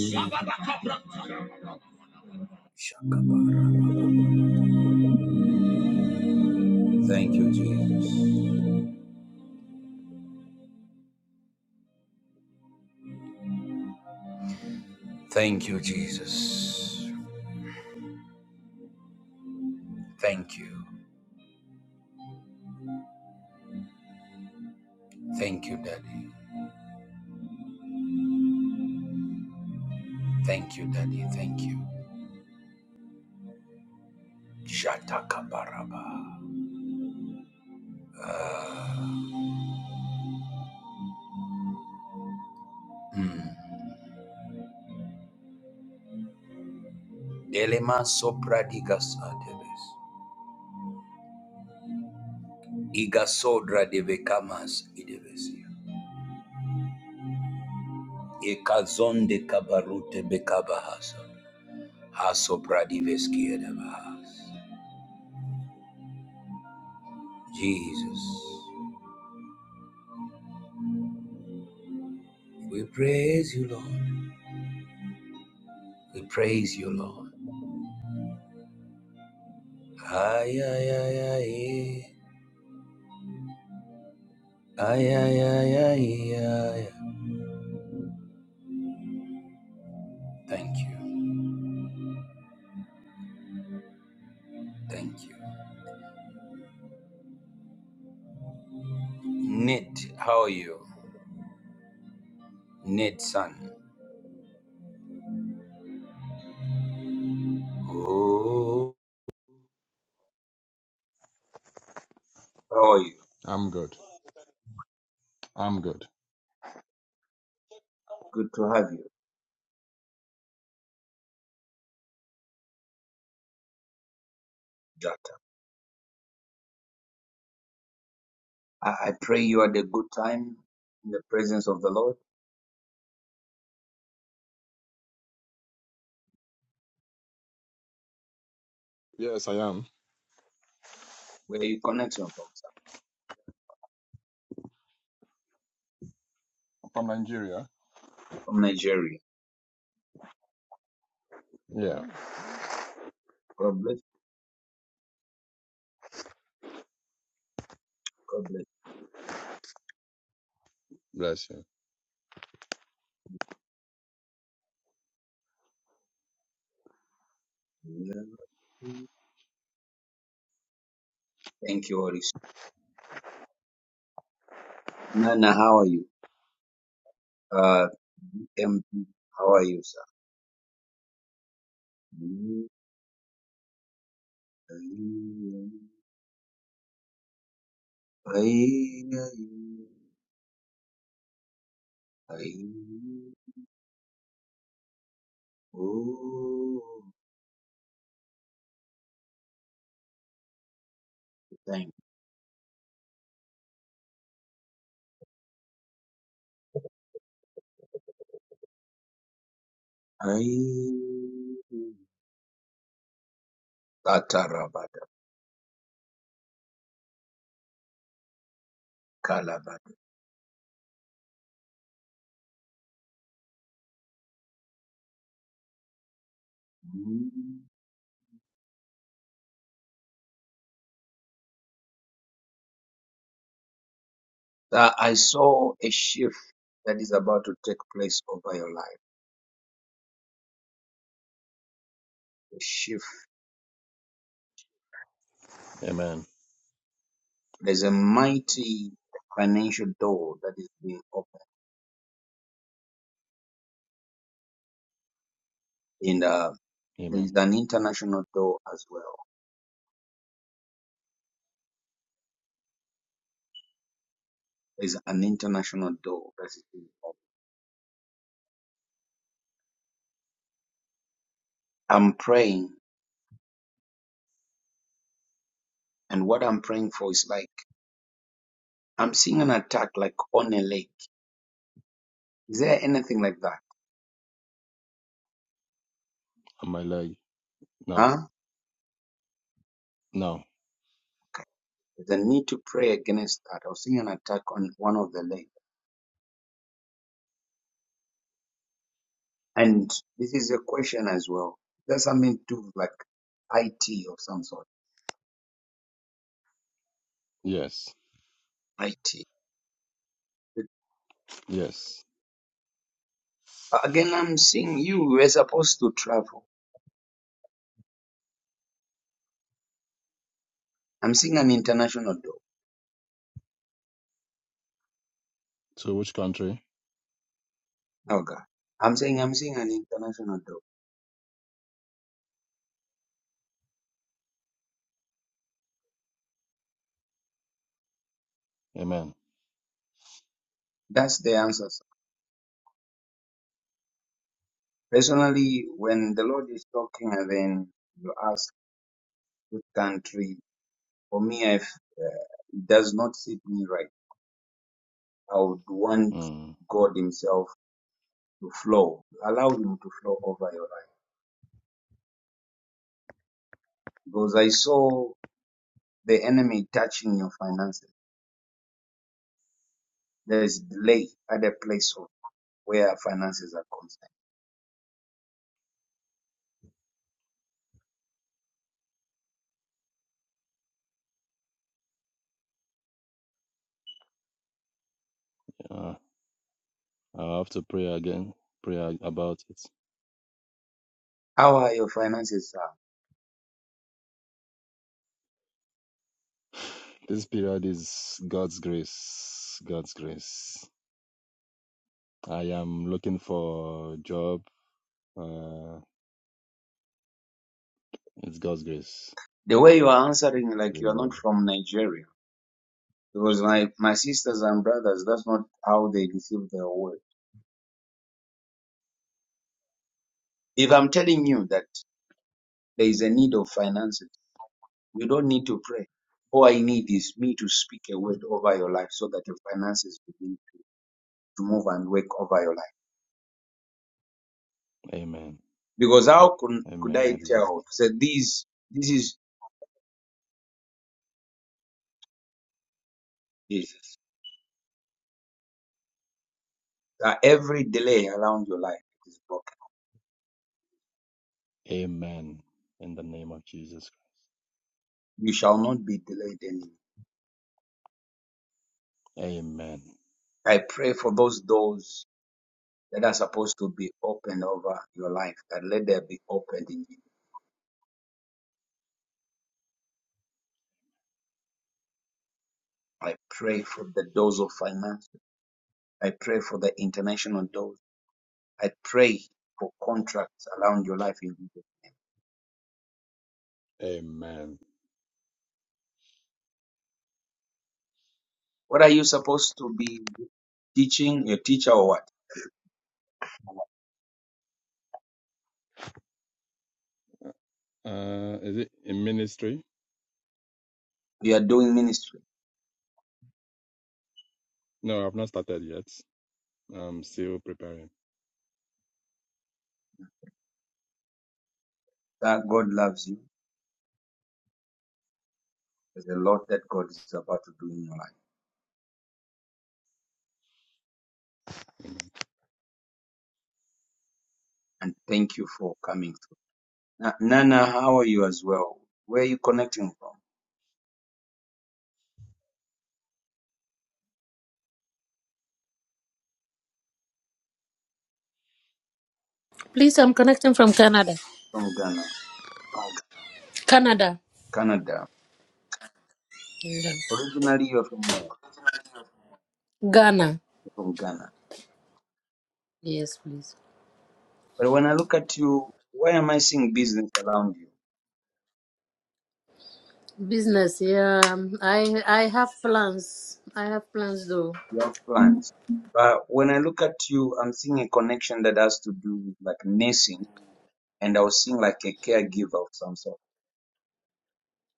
Thank you, Jesus. Thank you, Jesus. Thank you. Thank you, Daddy. Thank you, Daddy. Thank you. Shatakabaraba. Delema sopra digas adebes. Igasodra de becamas idevesia. Ekazon de kabarute bekabahasa. Hasopra diveski edebahas. Jesus, we praise you, Lord. We praise you, Lord. Ay, ay, ay, ay, ay, ay, ay, ay, ay. Thank you. Thank you. Nate, how are you? Nate, son. How are you? Good to have you. You are the good presence of the Lord. Uh, em, how are you, sir? I I Oh, thank you. Katarabada, kalabada. Mm. That I saw a shift that is about to take place over your life. A shift. There's a mighty financial door that is being opened. And uh, there is an international door as well. There's an international door that is being opened. I'm praying, and what I'm praying for is like I'm seeing an attack like on a lake. Is there anything like that? huh? Okay. the need to pray against that. I was seeing an attack on one of the leg. And this is a question as well. Does something mean to like IT or some sort? IT. Again, I'm seeing you were supposed to travel. I'm seeing an international door. Oh God. I'm saying I'm seeing an international door. That's the answer. sir. Personally, when the Lord is talking and then you ask which country, for me, I've, uh, it does not suit me right I would want God Himself to flow. Allow Him to flow over your life. Because I saw the enemy touching your finances. There is delay at the place of where finances are concerned. How are your finances, sir? The way you are answering, like you are not from Nigeria. Because my, my sisters and brothers, that's not our way. If I'm telling you that there is a need of finances, you don't need to pray. All I need is me to speak a word over your life so that your finances begin to move and work over your life. Because how could, could I tell? So these, this is Jesus. That every delay around your life is broken. You shall not be delayed anymore. I pray for those doors that are supposed to be opened over your life, that let there be opened in you. I pray for the doors of finance. I pray for the international doors. I pray for contracts around your life in Jesus. What are you supposed to be teaching? Your teacher or what? You are doing ministry. Na- Nana, how are you as well? Where are you connecting from?
Please, I'm connecting from Canada.
From Ghana,
Canada.
Canada.
Yeah.
Originally, you're from where?
Ghana.
You're from Ghana.
Yes, please.
But when I look at you, why am I seeing business around you?
Business, yeah. um, I I have plans. I have plans though.
You have plans. But when I look at you, I'm seeing a connection that has to do with like nursing, and I was seeing like a caregiver of some sort.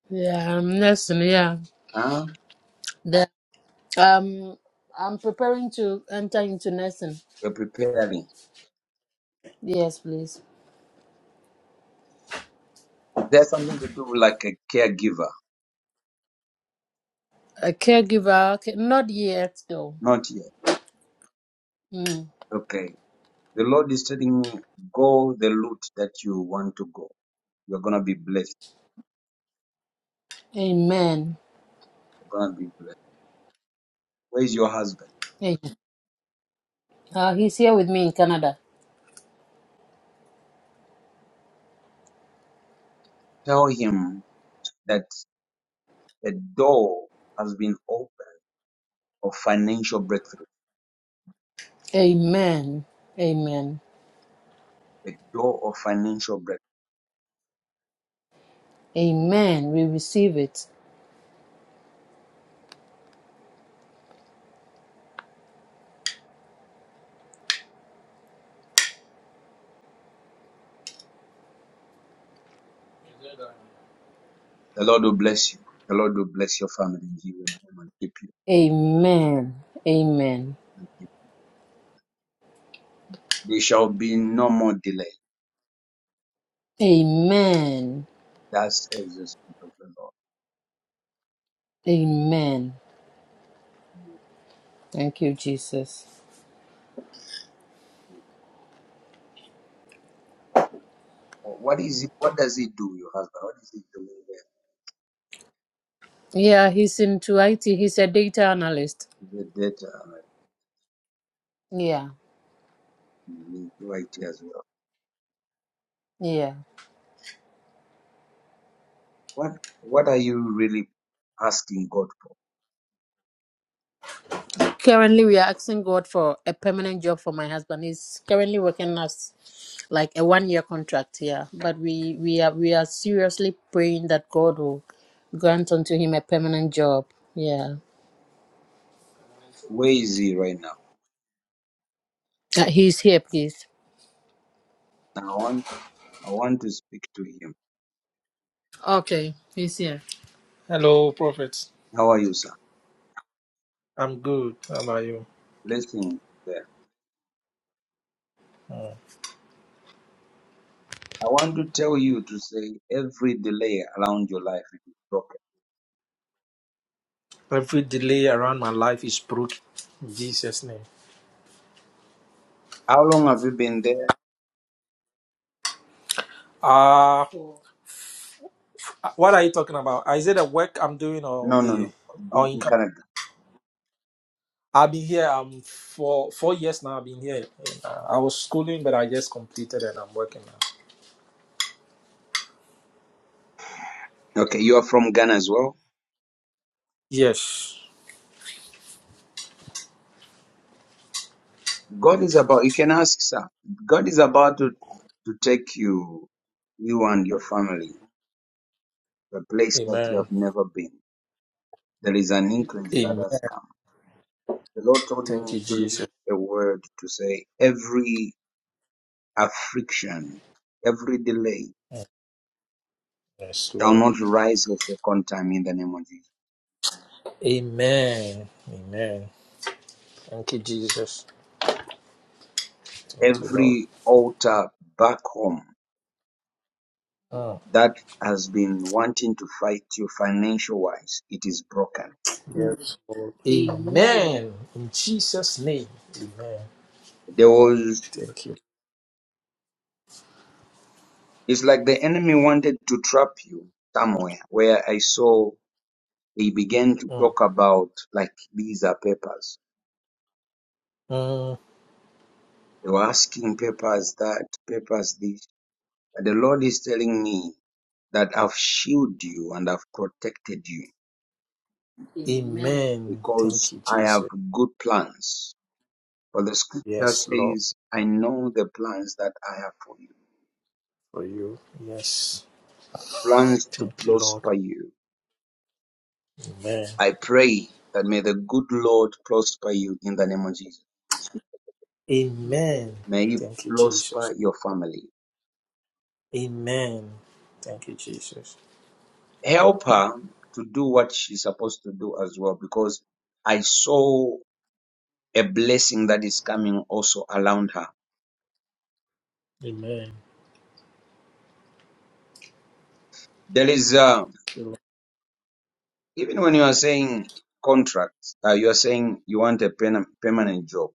Yeah, I'm nursing, yeah.
Huh?
The, um I'm preparing to enter into nursing.
You're preparing.
Yes, please.
Is there something to do with like a caregiver?
A caregiver, okay. not yet though.
Not yet.
Mm.
Okay. The Lord is telling me, go the route that you want to go. You're gonna be blessed
Amen.
God be blessed. Where's your husband?
Amen. Uh, he's here with me in Canada.
Tell him that the door has been opened of financial breakthrough.
Amen. Amen.
The door of financial breakthrough.
Amen. We receive it.
Bless you, bless your family. and He will keep you.
Amen. Amen.
They shall be more
Amen.
distant.
Amen. Thank you, Jesus.
What is it? What does it do, your husband? What is it doing
Yeah, he's into IT. He's a data analyst.
there? The data
Yeah,
right as well.
yeah.
What What are you really asking God for?
Currently, we are asking God for a permanent job for my husband. He's currently working as like a one-year contract. Yeah, but we we are we are seriously praying that God will grant unto him a permanent job. Yeah, uh, he's here, please.
I want I want to speak to him.
Okay, he's here. Hello, Prophet.
How are you, sir?
I'm good. How are you?
Blessings there. I want to tell you to say every delay around your life is broken.
Every delay around my life is broken. In Jesus' name.
How long have you been there?
Uh what are you talking about? Uh, Is it the work I'm doing or
No, no,
the
no.
or in,
In Canada.
I've been here um for four years now. I've been here. Uh, I was schooling, but I just completed and I'm working now.
Okay, you are from Ghana as well.
Yes.
God is about, you can ask, sir. God is about to, to take you, you and your family, to a place that you
Amen.
have never been. There is an increase that
Amen.
has come. The Lord told
Thank
me
you,
to
Jesus.
leave a word to say every affliction, every delay
Yes,
shall
Lord.
not rise a second time in the name of Jesus.
Amen. Amen. Thank you, Jesus. Thank you, Lord.
Every altar back home
Mm.
that has been wanting to fight you financial wise, it is broken.
Yes, Lord. Amen. In Jesus' name. Amen.
There was,
Thank you.
it's like the enemy wanted to trap you somewhere where I saw they began to
Mm.
talk about like these are papers.
Mm,
They were asking papers that, papers this. But the Lord is telling me that I've shielded you and I've protected you
Amen. amen. Thank
because
you,
I have
Jesus.
good plans. For the scripture
Yes, Lord,
says, I know the plans that I have for you.
for you. Yes.
Plans to
Thank you,
prosper
Lord. Amen.
that may the good Lord prosper you in the name of Jesus.
Amen.
May He
Thank you, Jesus.
prosper your family.
Amen. Thank you, Jesus.
Help her to do what she's supposed to do as well, because I saw a blessing that is coming also around her.
Amen.
There is, uh,
Thank you, Lord.
even when you are saying contracts, uh, you are saying you want a pen- permanent job.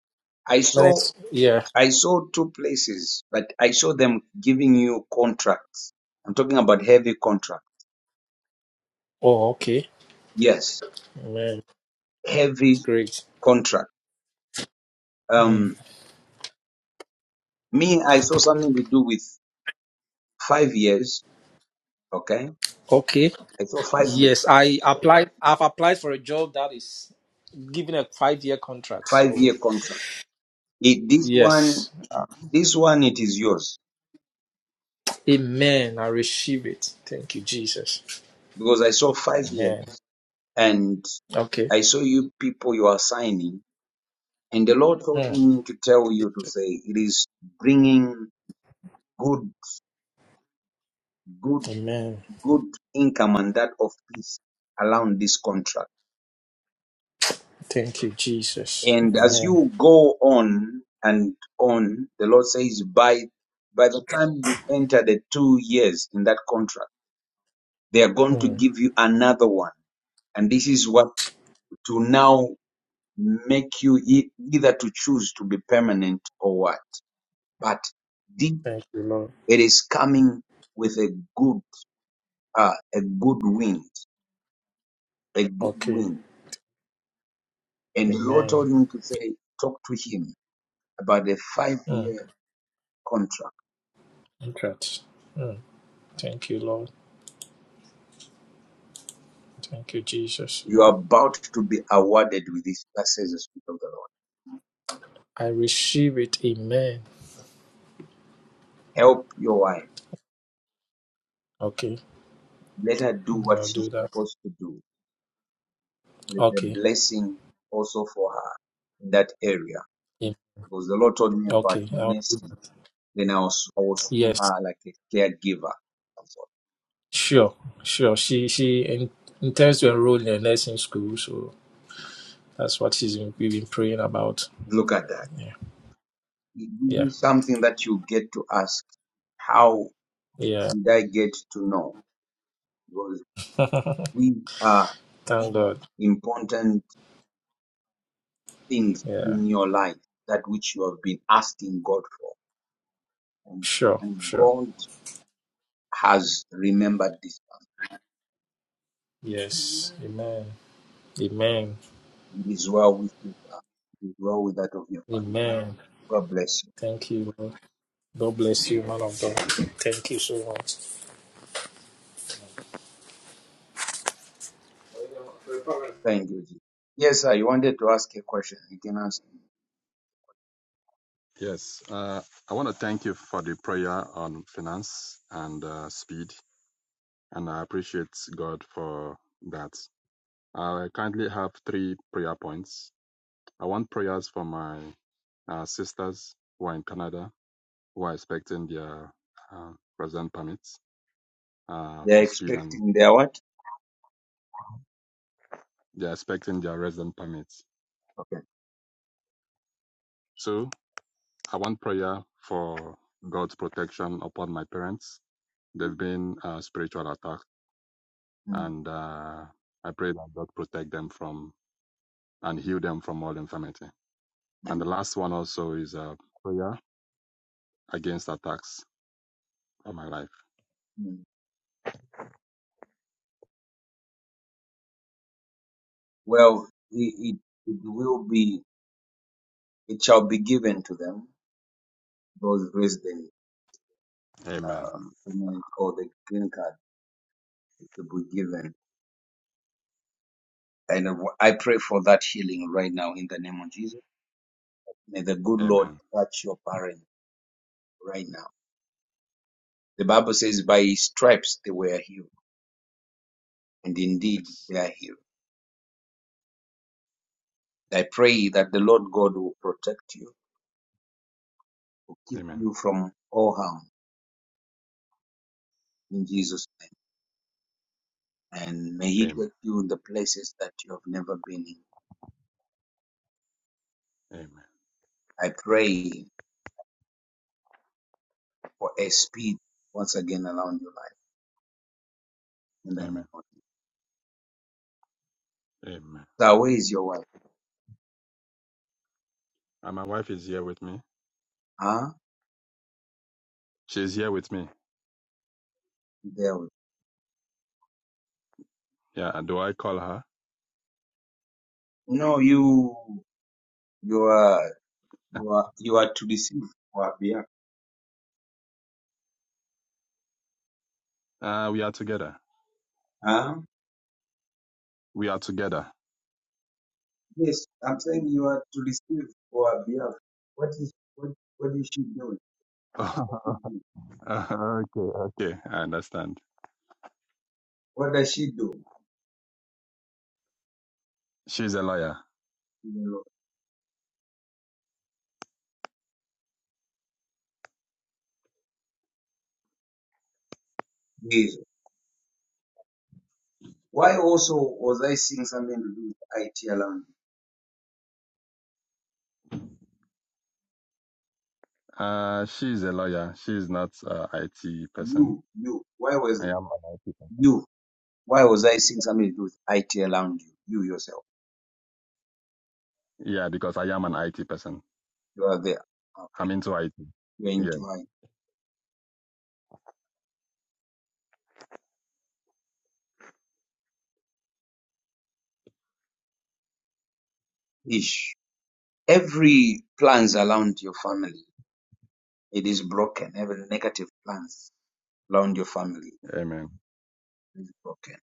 I saw,
Minutes. Yeah.
I saw two places, but I saw them giving you contracts. I'm talking about heavy contract.
Oh, okay.
Yes,
Amen.
heavy
Great.
contract.
Mm.
Um, Me, I saw something to do with five years. Okay.
Okay.
I saw five,
Yes, I applied. I've applied for a job that is given a five-year contract.
five
So
year contract. It, this one,
yes. Uh,
this one, it is yours
Amen. I receive it. Thank you, Jesus.
because I saw five
Amen.
years and
Okay.
I saw you people you are signing and the Lord told
Mm.
me to tell you to say it is bringing good, good,
Amen.
good income and that of peace around this contract.
Thank you, Jesus.
And as
Amen.
you go on and on, the Lord says, by by the time you enter the two years in that contract, they are going to
Mm.
give you another one. And this is what to now make you e- either to choose to be permanent or what. But this,
Thank you, Lord.
it is coming with a good, uh, a good wind, a good
Okay.
wind. And the Lord
Amen.
told me to say, talk to him about the five
Mm.
year contract
Contract. Mm. Thank you, Lord. Thank you, Jesus.
You are about to be awarded with this. That says the Spirit of the Lord.
I receive it. Amen.
Help your wife.
Okay.
Let her do what
I'll
she's
do that.
supposed to do. There is a
Okay.
blessing also for her in that area.
Am-
Because the Lord told me about
Okay. I'll do that.
nursing. Then I was, I was seeing
Yes.
her like a caregiver. I thought,
Sure. Sure. She she in, intends to enroll in a nursing school, so that's what she's been, we've been praying about.
Look at that.
Yeah.
It will
Yeah.
be something that you get to ask. How
Yeah.
did I get to know? Because these are
Thank God.
important things
Yeah.
in your life, that which you have been asking God for. And,
Sure.
and
Sure.
God has remembered this
Yes. Amen. Amen.
person. It is well with you, sir. It is well with that of your family.
Amen.
God bless you.
Thank you. Lord. God bless you, man of God. Thank you so much.
Thank you, Jesus. Yes, sir, you wanted to ask a question. They are expecting their what? Mhm. Mhm. Well, it, it, it will be, it shall be given to them, those resident um, permanent or the green card will be given. And I pray for that healing right now in the name of Jesus. May the good Lord touch your parents right now The Bible says, By his stripes they were healed, and indeed they are healed. I pray that the Lord God will protect you, will keep you from all harm in Jesus' name, and may he take you in the places that you have never been in. I pray for a speed once again around your life in the name of Jesus. So where is your wife? Huh? There with No, you you are you are you are to receive for her behalf. Huh? Yes, I'm saying you are to receive or behalf. What is what what is she doing? What does she do? What does she do? You know, yes. Why also was I seeing something to do with IT around you? You, you. Why was you? Why was I seeing something to do with IT around you? You yourself. You are there. Okay. You're into IT ish. Every plans around your family, it is broken. Every negative plans around your family is broken.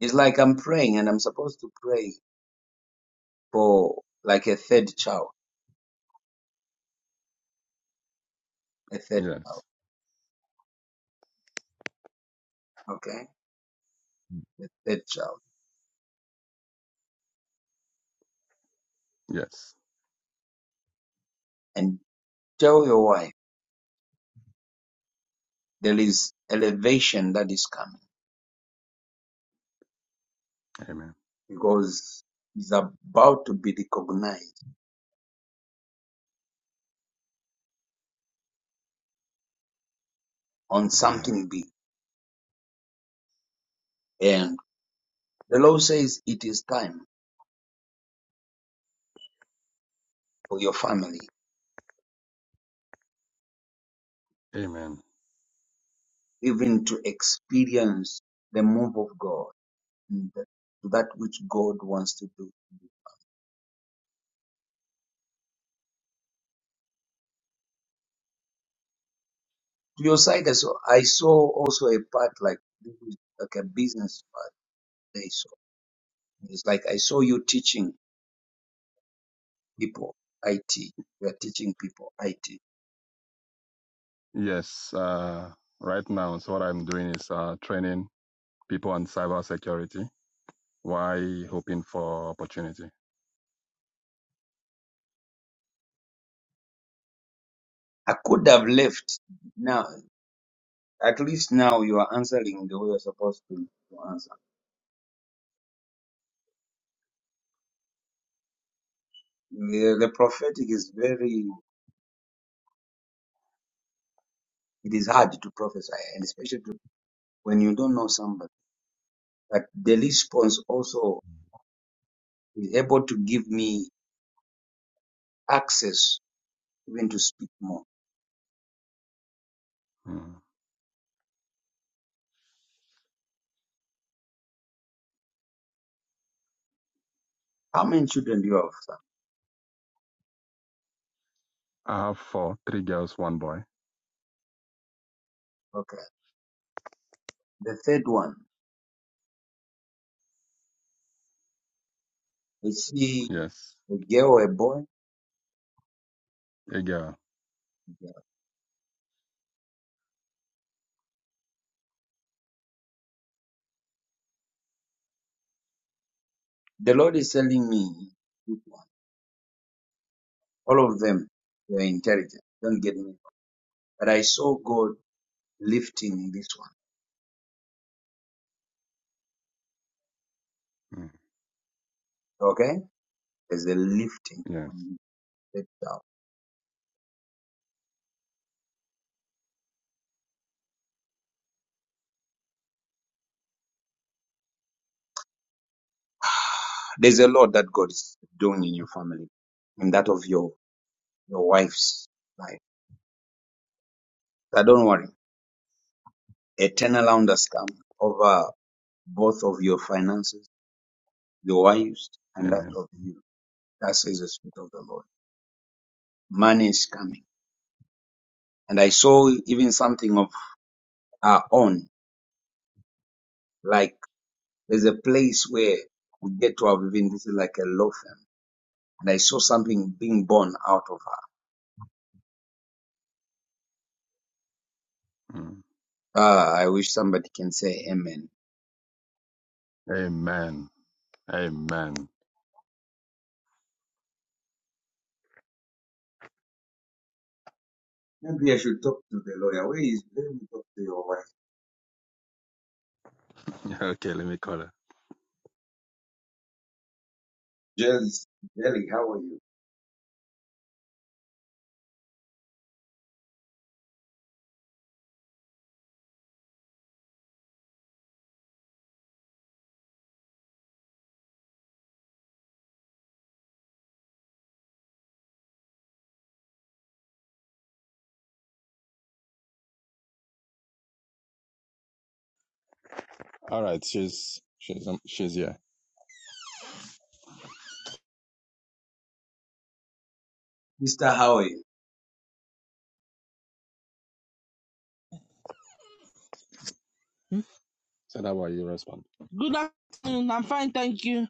It's like I'm praying and I'm supposed to pray for like a third child, a third child, okay, a third child, and tell your wife there is elevation that is coming because it's about to be recognized on something big. And the law says it is time for your family even to experience the move of God and the- to that which God wants to do. To your side, I saw, I saw also a part like this is like a business part. They saw. It's like I saw you teaching people IT. We are teaching people IT. I could have left. Now, at least now you are answering the way you're supposed to, to answer. The, the prophetic is very, it is hard to prophesy, and especially to, when you don't know somebody. But the response also is able to give me access even to speak more. How many? Okay. The third one, I see a girl, or a boy. The Lord is telling me, all of them, they are intelligent. Don't get me wrong. But I saw God lifting this one. Okay? There's a lifting when you step down. There's a lot that God is doing in your family, in that of your your wife's life. So don't worry. A turnaround has come over both of your finances, your wives, and that of you. That says the Spirit of the Lord. Money is coming. And I saw even something of our own. Like there's a place where you get to have even this is like a law firm. And I saw something being born out of her. Ah, I wish somebody can say amen. Maybe I should talk to the lawyer. Where is? Let me talk to your wife. Jels, Jelly, how are you? Mister, how are you?
Hmm? Good afternoon. I'm fine, thank you.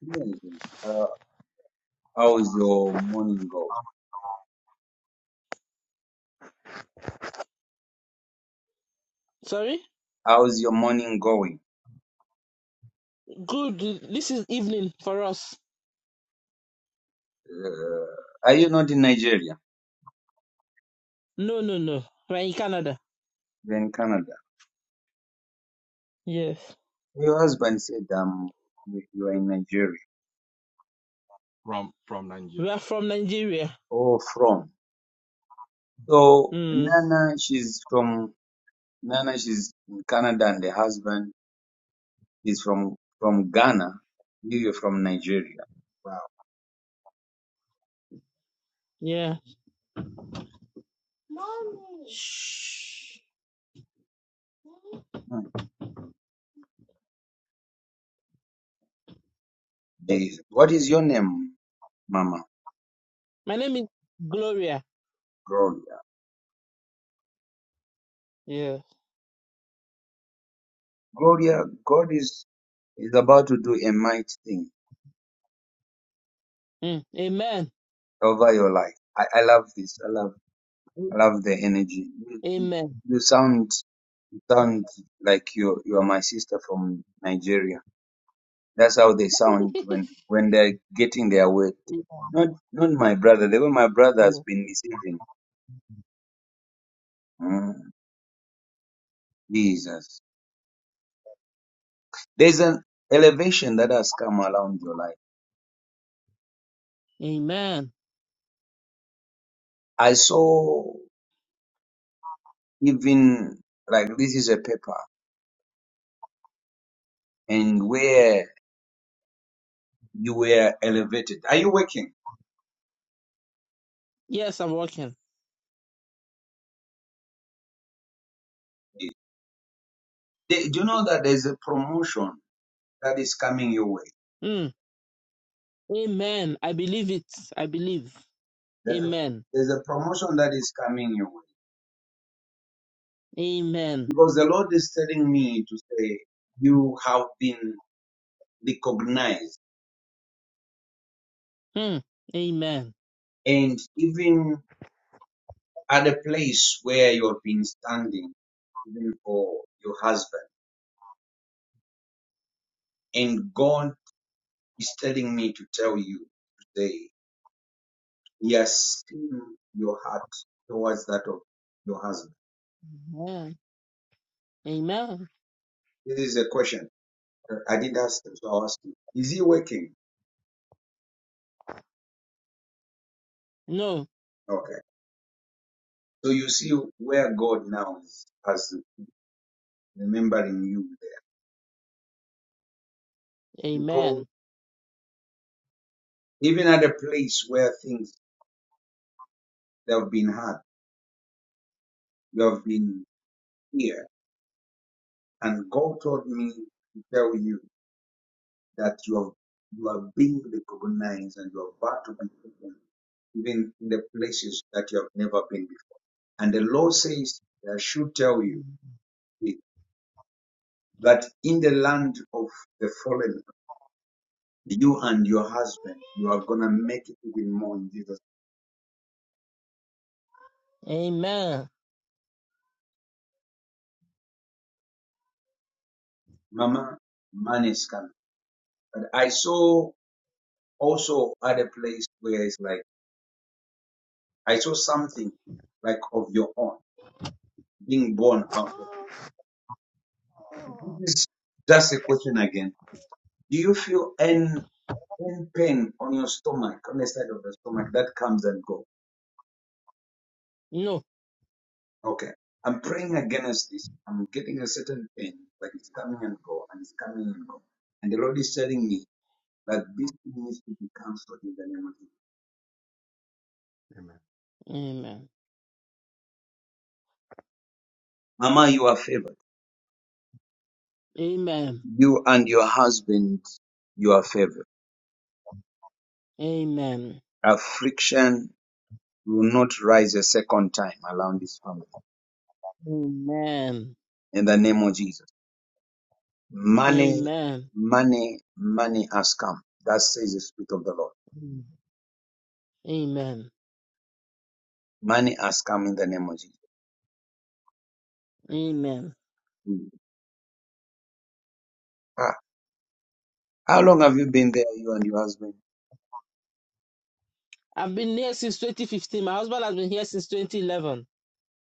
Yes. Uh, how's your morning going?
Sorry?
How's your morning going?
Good. This is evening for us.
Uh, are you not in Nigeria?
No, no, no. We're in Canada.
You're in Canada.
Yes.
Your husband said um, you you are in Nigeria.
We are from Nigeria.
Oh, from. So
Hmm.
Nana, she's from Nana. She's in Canada, and the husband is from from Ghana. You- You're from Nigeria.
Yeah. Mommy. Shh.
They, what is your name, Mama?
My name is Gloria.
Gloria.
Yeah.
Gloria, God is is about to do a mighty thing
Mm. Amen.
over your life. I, I love this. I love I love the energy. You, you
Amen.
you sound you sound like you you are my sister from Nigeria. That's how they sound when when they're getting their weight. Not not my brother. The way my brother has been receiving. Mm, Jesus. There's an elevation that has come around your life.
Amen.
I saw. even like this is a paper and where you were elevated. Are you working?
Yes, I'm working.
They, do you know that there's a promotion that is coming your way?
Mm. Amen. I believe it. I believe.
There's a,
Amen.
there's a promotion that is coming your way
Amen.
because the Lord is telling me to say you have been recognized
Mm. Amen.
and even at a place where you have been standing, even for your husband. And God is telling me to tell you today He has seen your heart towards that of your husband.
Amen. Amen.
This is a question I didn't ask him, so I'll ask you. Is he working?
No.
Okay. So you see where God now is as remembering you there. Because
Amen.
even at a place where things that have been hard, you have been here. And God told me to tell you that you have you are being recognized and you are about to be taken even in the places that you have never been before. And the law says, I should tell you that in the land of the fallen, you and your husband, you are going to make it even more in Jesus.
Amen.
Mama, man is coming. But I saw also at a place where it's like, I saw something like of your own being born out of. This that's the question again. Do you feel any, any pain on your stomach, on the side of the stomach that comes and goes?
No.
Okay. I'm praying against this. I'm getting a certain pain, but it's coming and go, and it's coming and go. And the Lord is telling me that this thing needs to be cancelled in the name of Jesus.
Amen.
Mama, you are favored.
Amen.
You and your husband, you are favored.
Amen.
Affliction will not rise a second time around this family.
Amen.
In the name of Jesus. Money,
Amen.
money, money has come. That says the Spirit of the Lord.
Amen.
Money has come in the name of Jesus.
Amen.
Mm. Ah, how long have you been there, you and your husband?
I've been here since 2015. My husband has been here since 2011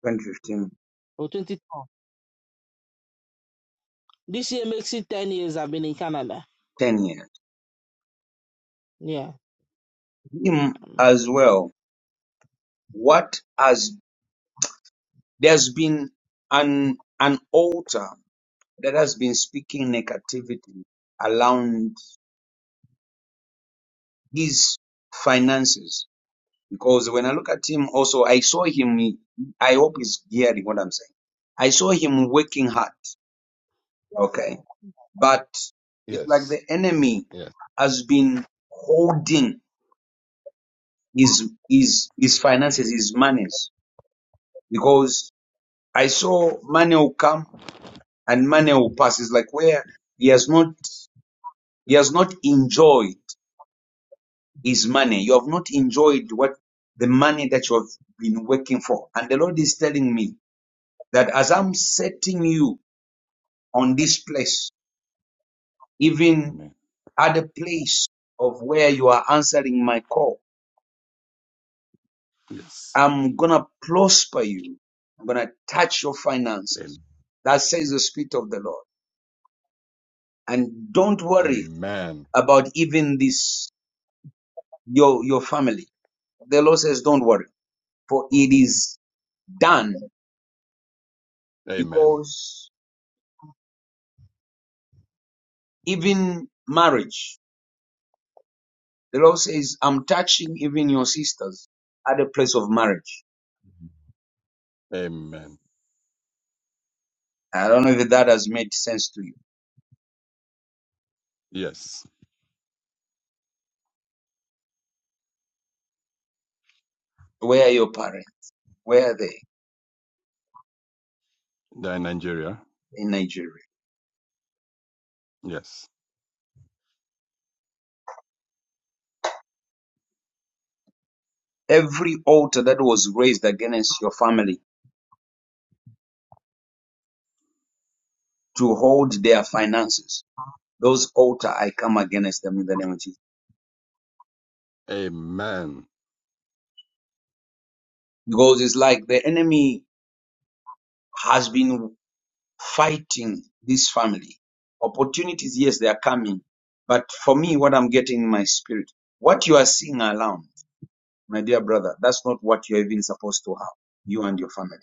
2015,
or 2012. This year makes it 10 years I've been in Canada.
10 years.
Yeah.
Him
Um,
as well. What has there's been an an altar that has been speaking negativity around his finances. Because when I look at him, also I saw him. he- I hope he's hearing what I'm saying. I saw him working hard. Okay, but it's like the enemy has been holding his his his finances, his monies, because I saw money will come and money will pass. It's like where he has not he has not enjoyed his money. You have not enjoyed what the money that you have been working for. And the Lord is telling me that as I'm setting you on this place, even at the place of where you are answering my call, I'm gonna prosper you. I'm gonna touch your finances. That says the Spirit of the Lord. And don't worry about even this your your family. The Lord says, Don't worry, for it is done. Because even marriage, the Lord says, I'm touching even your sisters at the place of marriage. I don't know if that has made sense to you. Where are your parents? Where are they in Nigeria? Every altar that was raised against your family to hold their finances, those altar I come against them in the name of Jesus. Because it's like the enemy has been fighting this family. Opportunities, yes, they are coming. But for me, what I'm getting in my spirit, what you are seeing around, my dear brother, that's not what you're even supposed to have, you and your family.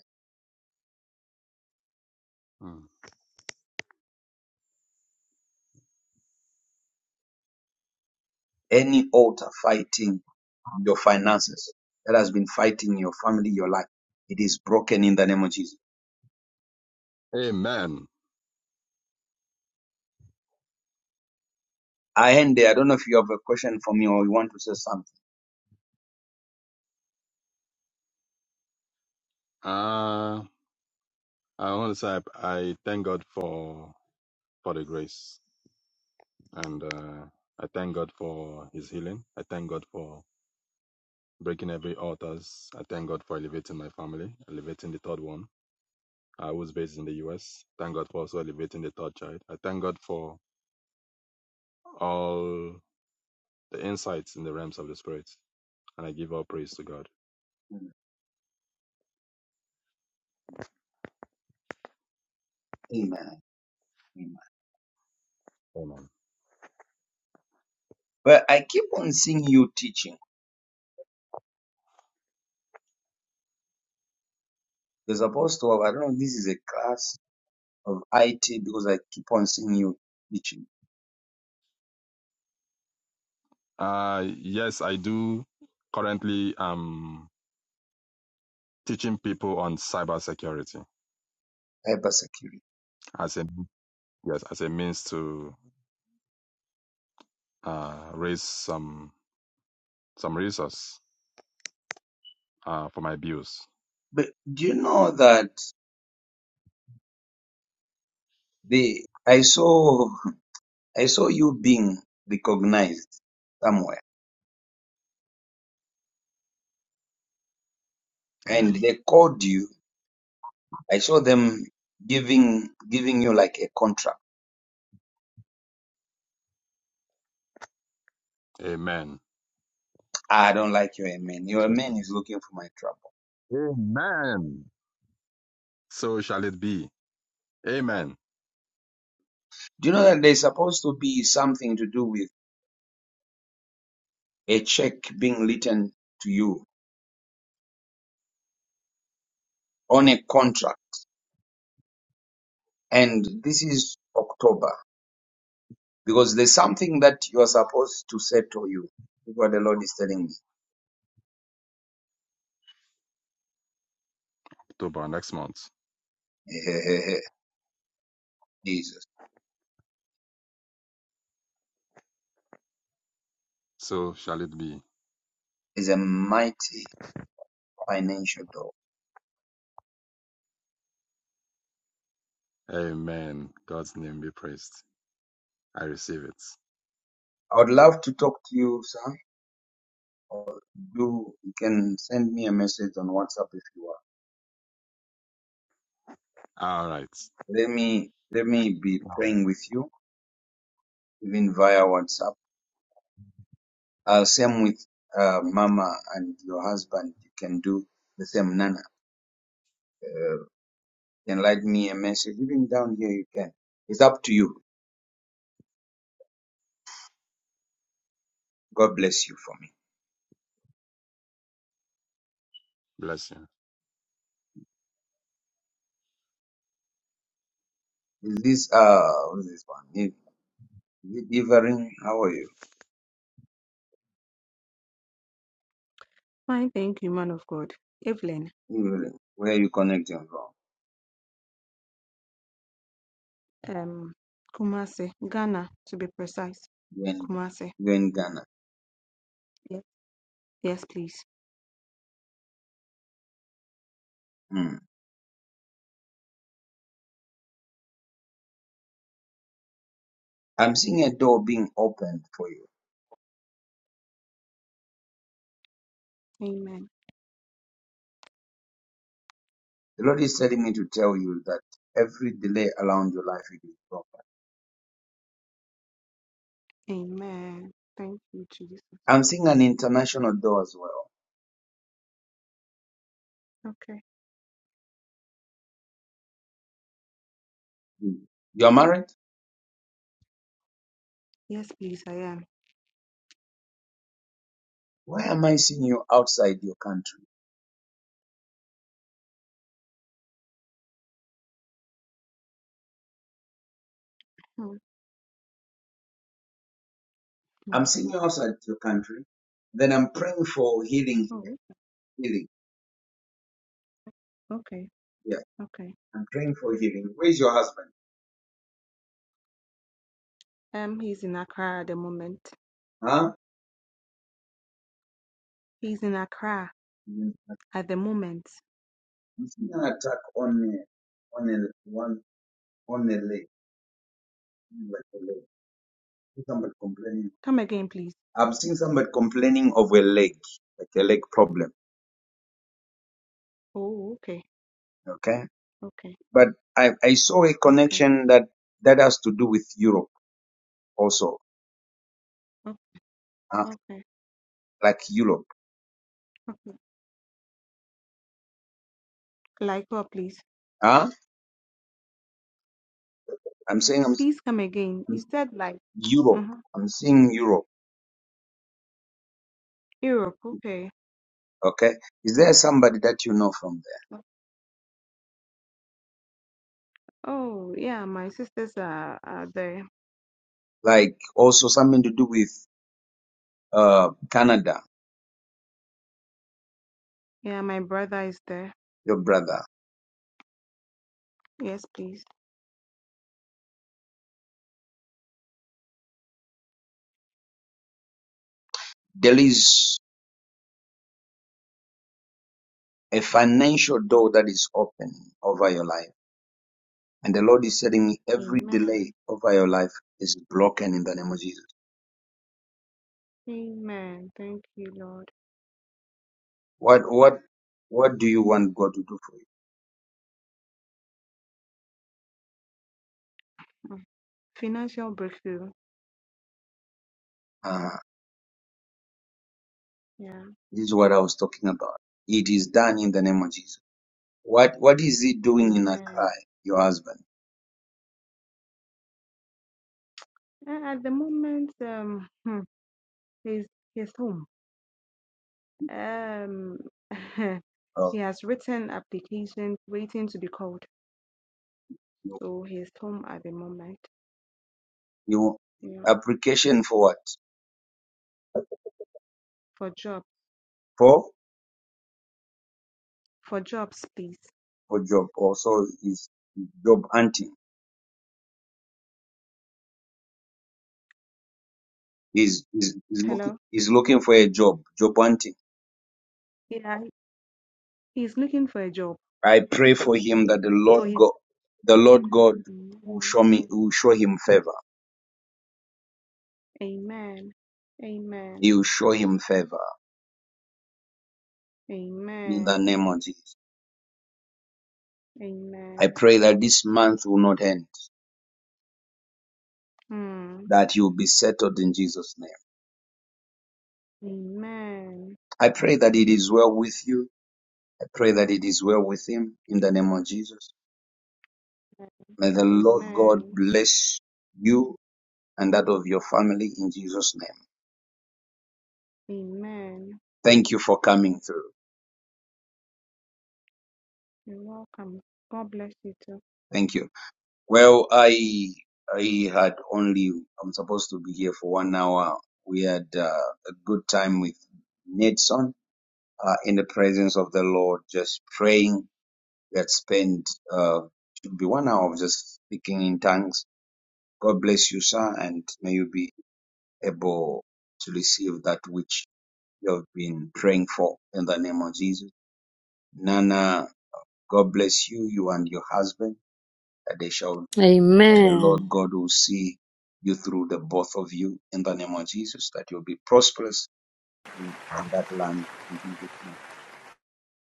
Any altar fighting your finances that has been fighting your family, your life, it is broken in the name of Jesus. I end there. I don't know if you have a question for me or you want to say something. Amen. Amen. Well, I keep on seeing you teaching. You're supposed to have, I don't know, if this is a class of IT because I keep on seeing you teaching cybersecurity. But do you know that the I saw I saw you being recognized somewhere and they called you. I saw them giving giving you like a contract. "Ah, I don't like your man. Your man is looking for my trouble. Do you know that there's supposed to be something to do with a check being written to you on a contract? And this is October. because there's something that you are supposed to settle you. That's what the Lord is telling me. Jesus is a mighty financial door. I would love to talk to you, sir. Do you can send me a message on WhatsApp if you are. Let me let me be praying with you even via WhatsApp. Uh, same with uh, Mama and your husband. You can do the same, Nana. You can write me a message even down here. You can. It's up to you. God bless you for me. Is this uh what is this one? If Good How are you?
Fine, thank you, man of God. Evelyn,
Evening. Where are you connecting from?
um, Kumasi, Ghana, to be precise.
You're in,
Kumasi.
you're in Ghana.
Yes. Yes, please.
Mm. I'm seeing a door being opened for you.
Amen.
The Lord is telling me to tell you that every delay around your life it is broken.
Amen. Thank you, Jesus.
I'm seeing an international door as well.
Okay.
Mm. You're married?
Yes, please, I am.
Why am I seeing you outside your country?
Oh,
I'm
mm.
seeing you outside your country. Then I'm praying for healing here.
Oh,
Healing.
okay.
Yeah.
Okay.
I'm praying for healing. Where's your husband?
Um, he's in Accra at the moment.
Huh?
He's in Accra
Mm.
at the moment.
I'm seeing an attack on uh, on a, one on a leg, like a leg. See Somebody complaining.
Come again, please.
I've seen somebody complaining of a leg, like a leg problem.
Oh, okay.
Okay,
Okay.
but I, I saw a
Okay.
connection that that has to do with Europe also,
Oh,
uh,
okay.
like Europe.
Okay. Like what, please?
Huh? I'm saying I'm,
Please come again.
I'm
He said like,
Europe.
uh-huh.
I'm seeing Europe.
Europe. Okay.
Okay, is there somebody that you know from
Oh, yeah, my sisters are, are there.
there? Like also something to do with uh Canada,
Yeah, my brother is there.
your brother.
Yes, please.
There is a financial door that is open over your life And the Lord is telling me every delay
Amen.
over your life is broken in the name of Jesus.
Amen. Thank you, Lord.
What what do for you?
Mm. Financial breakthrough.
Uh,
Yeah.
this is what I was talking about. It is done in the name of Jesus. What what is he doing in Accra,
Amen.
your husband?
A- At the moment, um, hmm, he's he's home. Um,
Oh,
he has written applications waiting to be called.
your,
So he's home at the moment.
your
Yeah.
application for what?
For job,
For
for jobs, please.
job also job hunting. He's, he's, he's looking
Hello.
he's looking for a job, job hunting.
Yeah, he's looking for a job.
I pray for him that the Lord
So he's.
God the Lord God will
Amen.
show me will show him favor.
Amen. Amen.
He will show him favor in the
Amen.
name of Jesus. I
Amen.
pray that this month will not end,
Hmm.
that you'll be settled in Jesus' name.
Amen.
I pray that it is well with you. I pray that it is well with him in the name of Jesus. May the Lord God
Amen.
bless you and that of your family in Jesus' name.
Amen.
Thank you for coming through.
You're welcome. God bless you too.
Thank you. Well, I I had only I'm supposed to be here for one hour. We had uh, a good time with Nedson uh, in the presence of the Lord, just praying We had spent uh, should be one hour of just speaking in tongues. God bless you, sir, and may you be able to receive that which you have been praying for in the name of Jesus. Nana, God bless you, you and your husband, that they shall, and the
Amen.
Lord God will see you through the both of you in the name of Jesus, that you'll be prosperous in, in that land. in Jesus' name.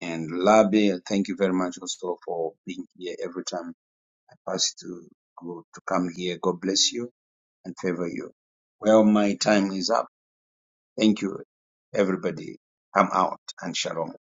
And Labi, thank you very much also for being here every time I pass to go to come here. God bless you and favor you. Well, my time is up. Thank you, everybody. Come out and shalom.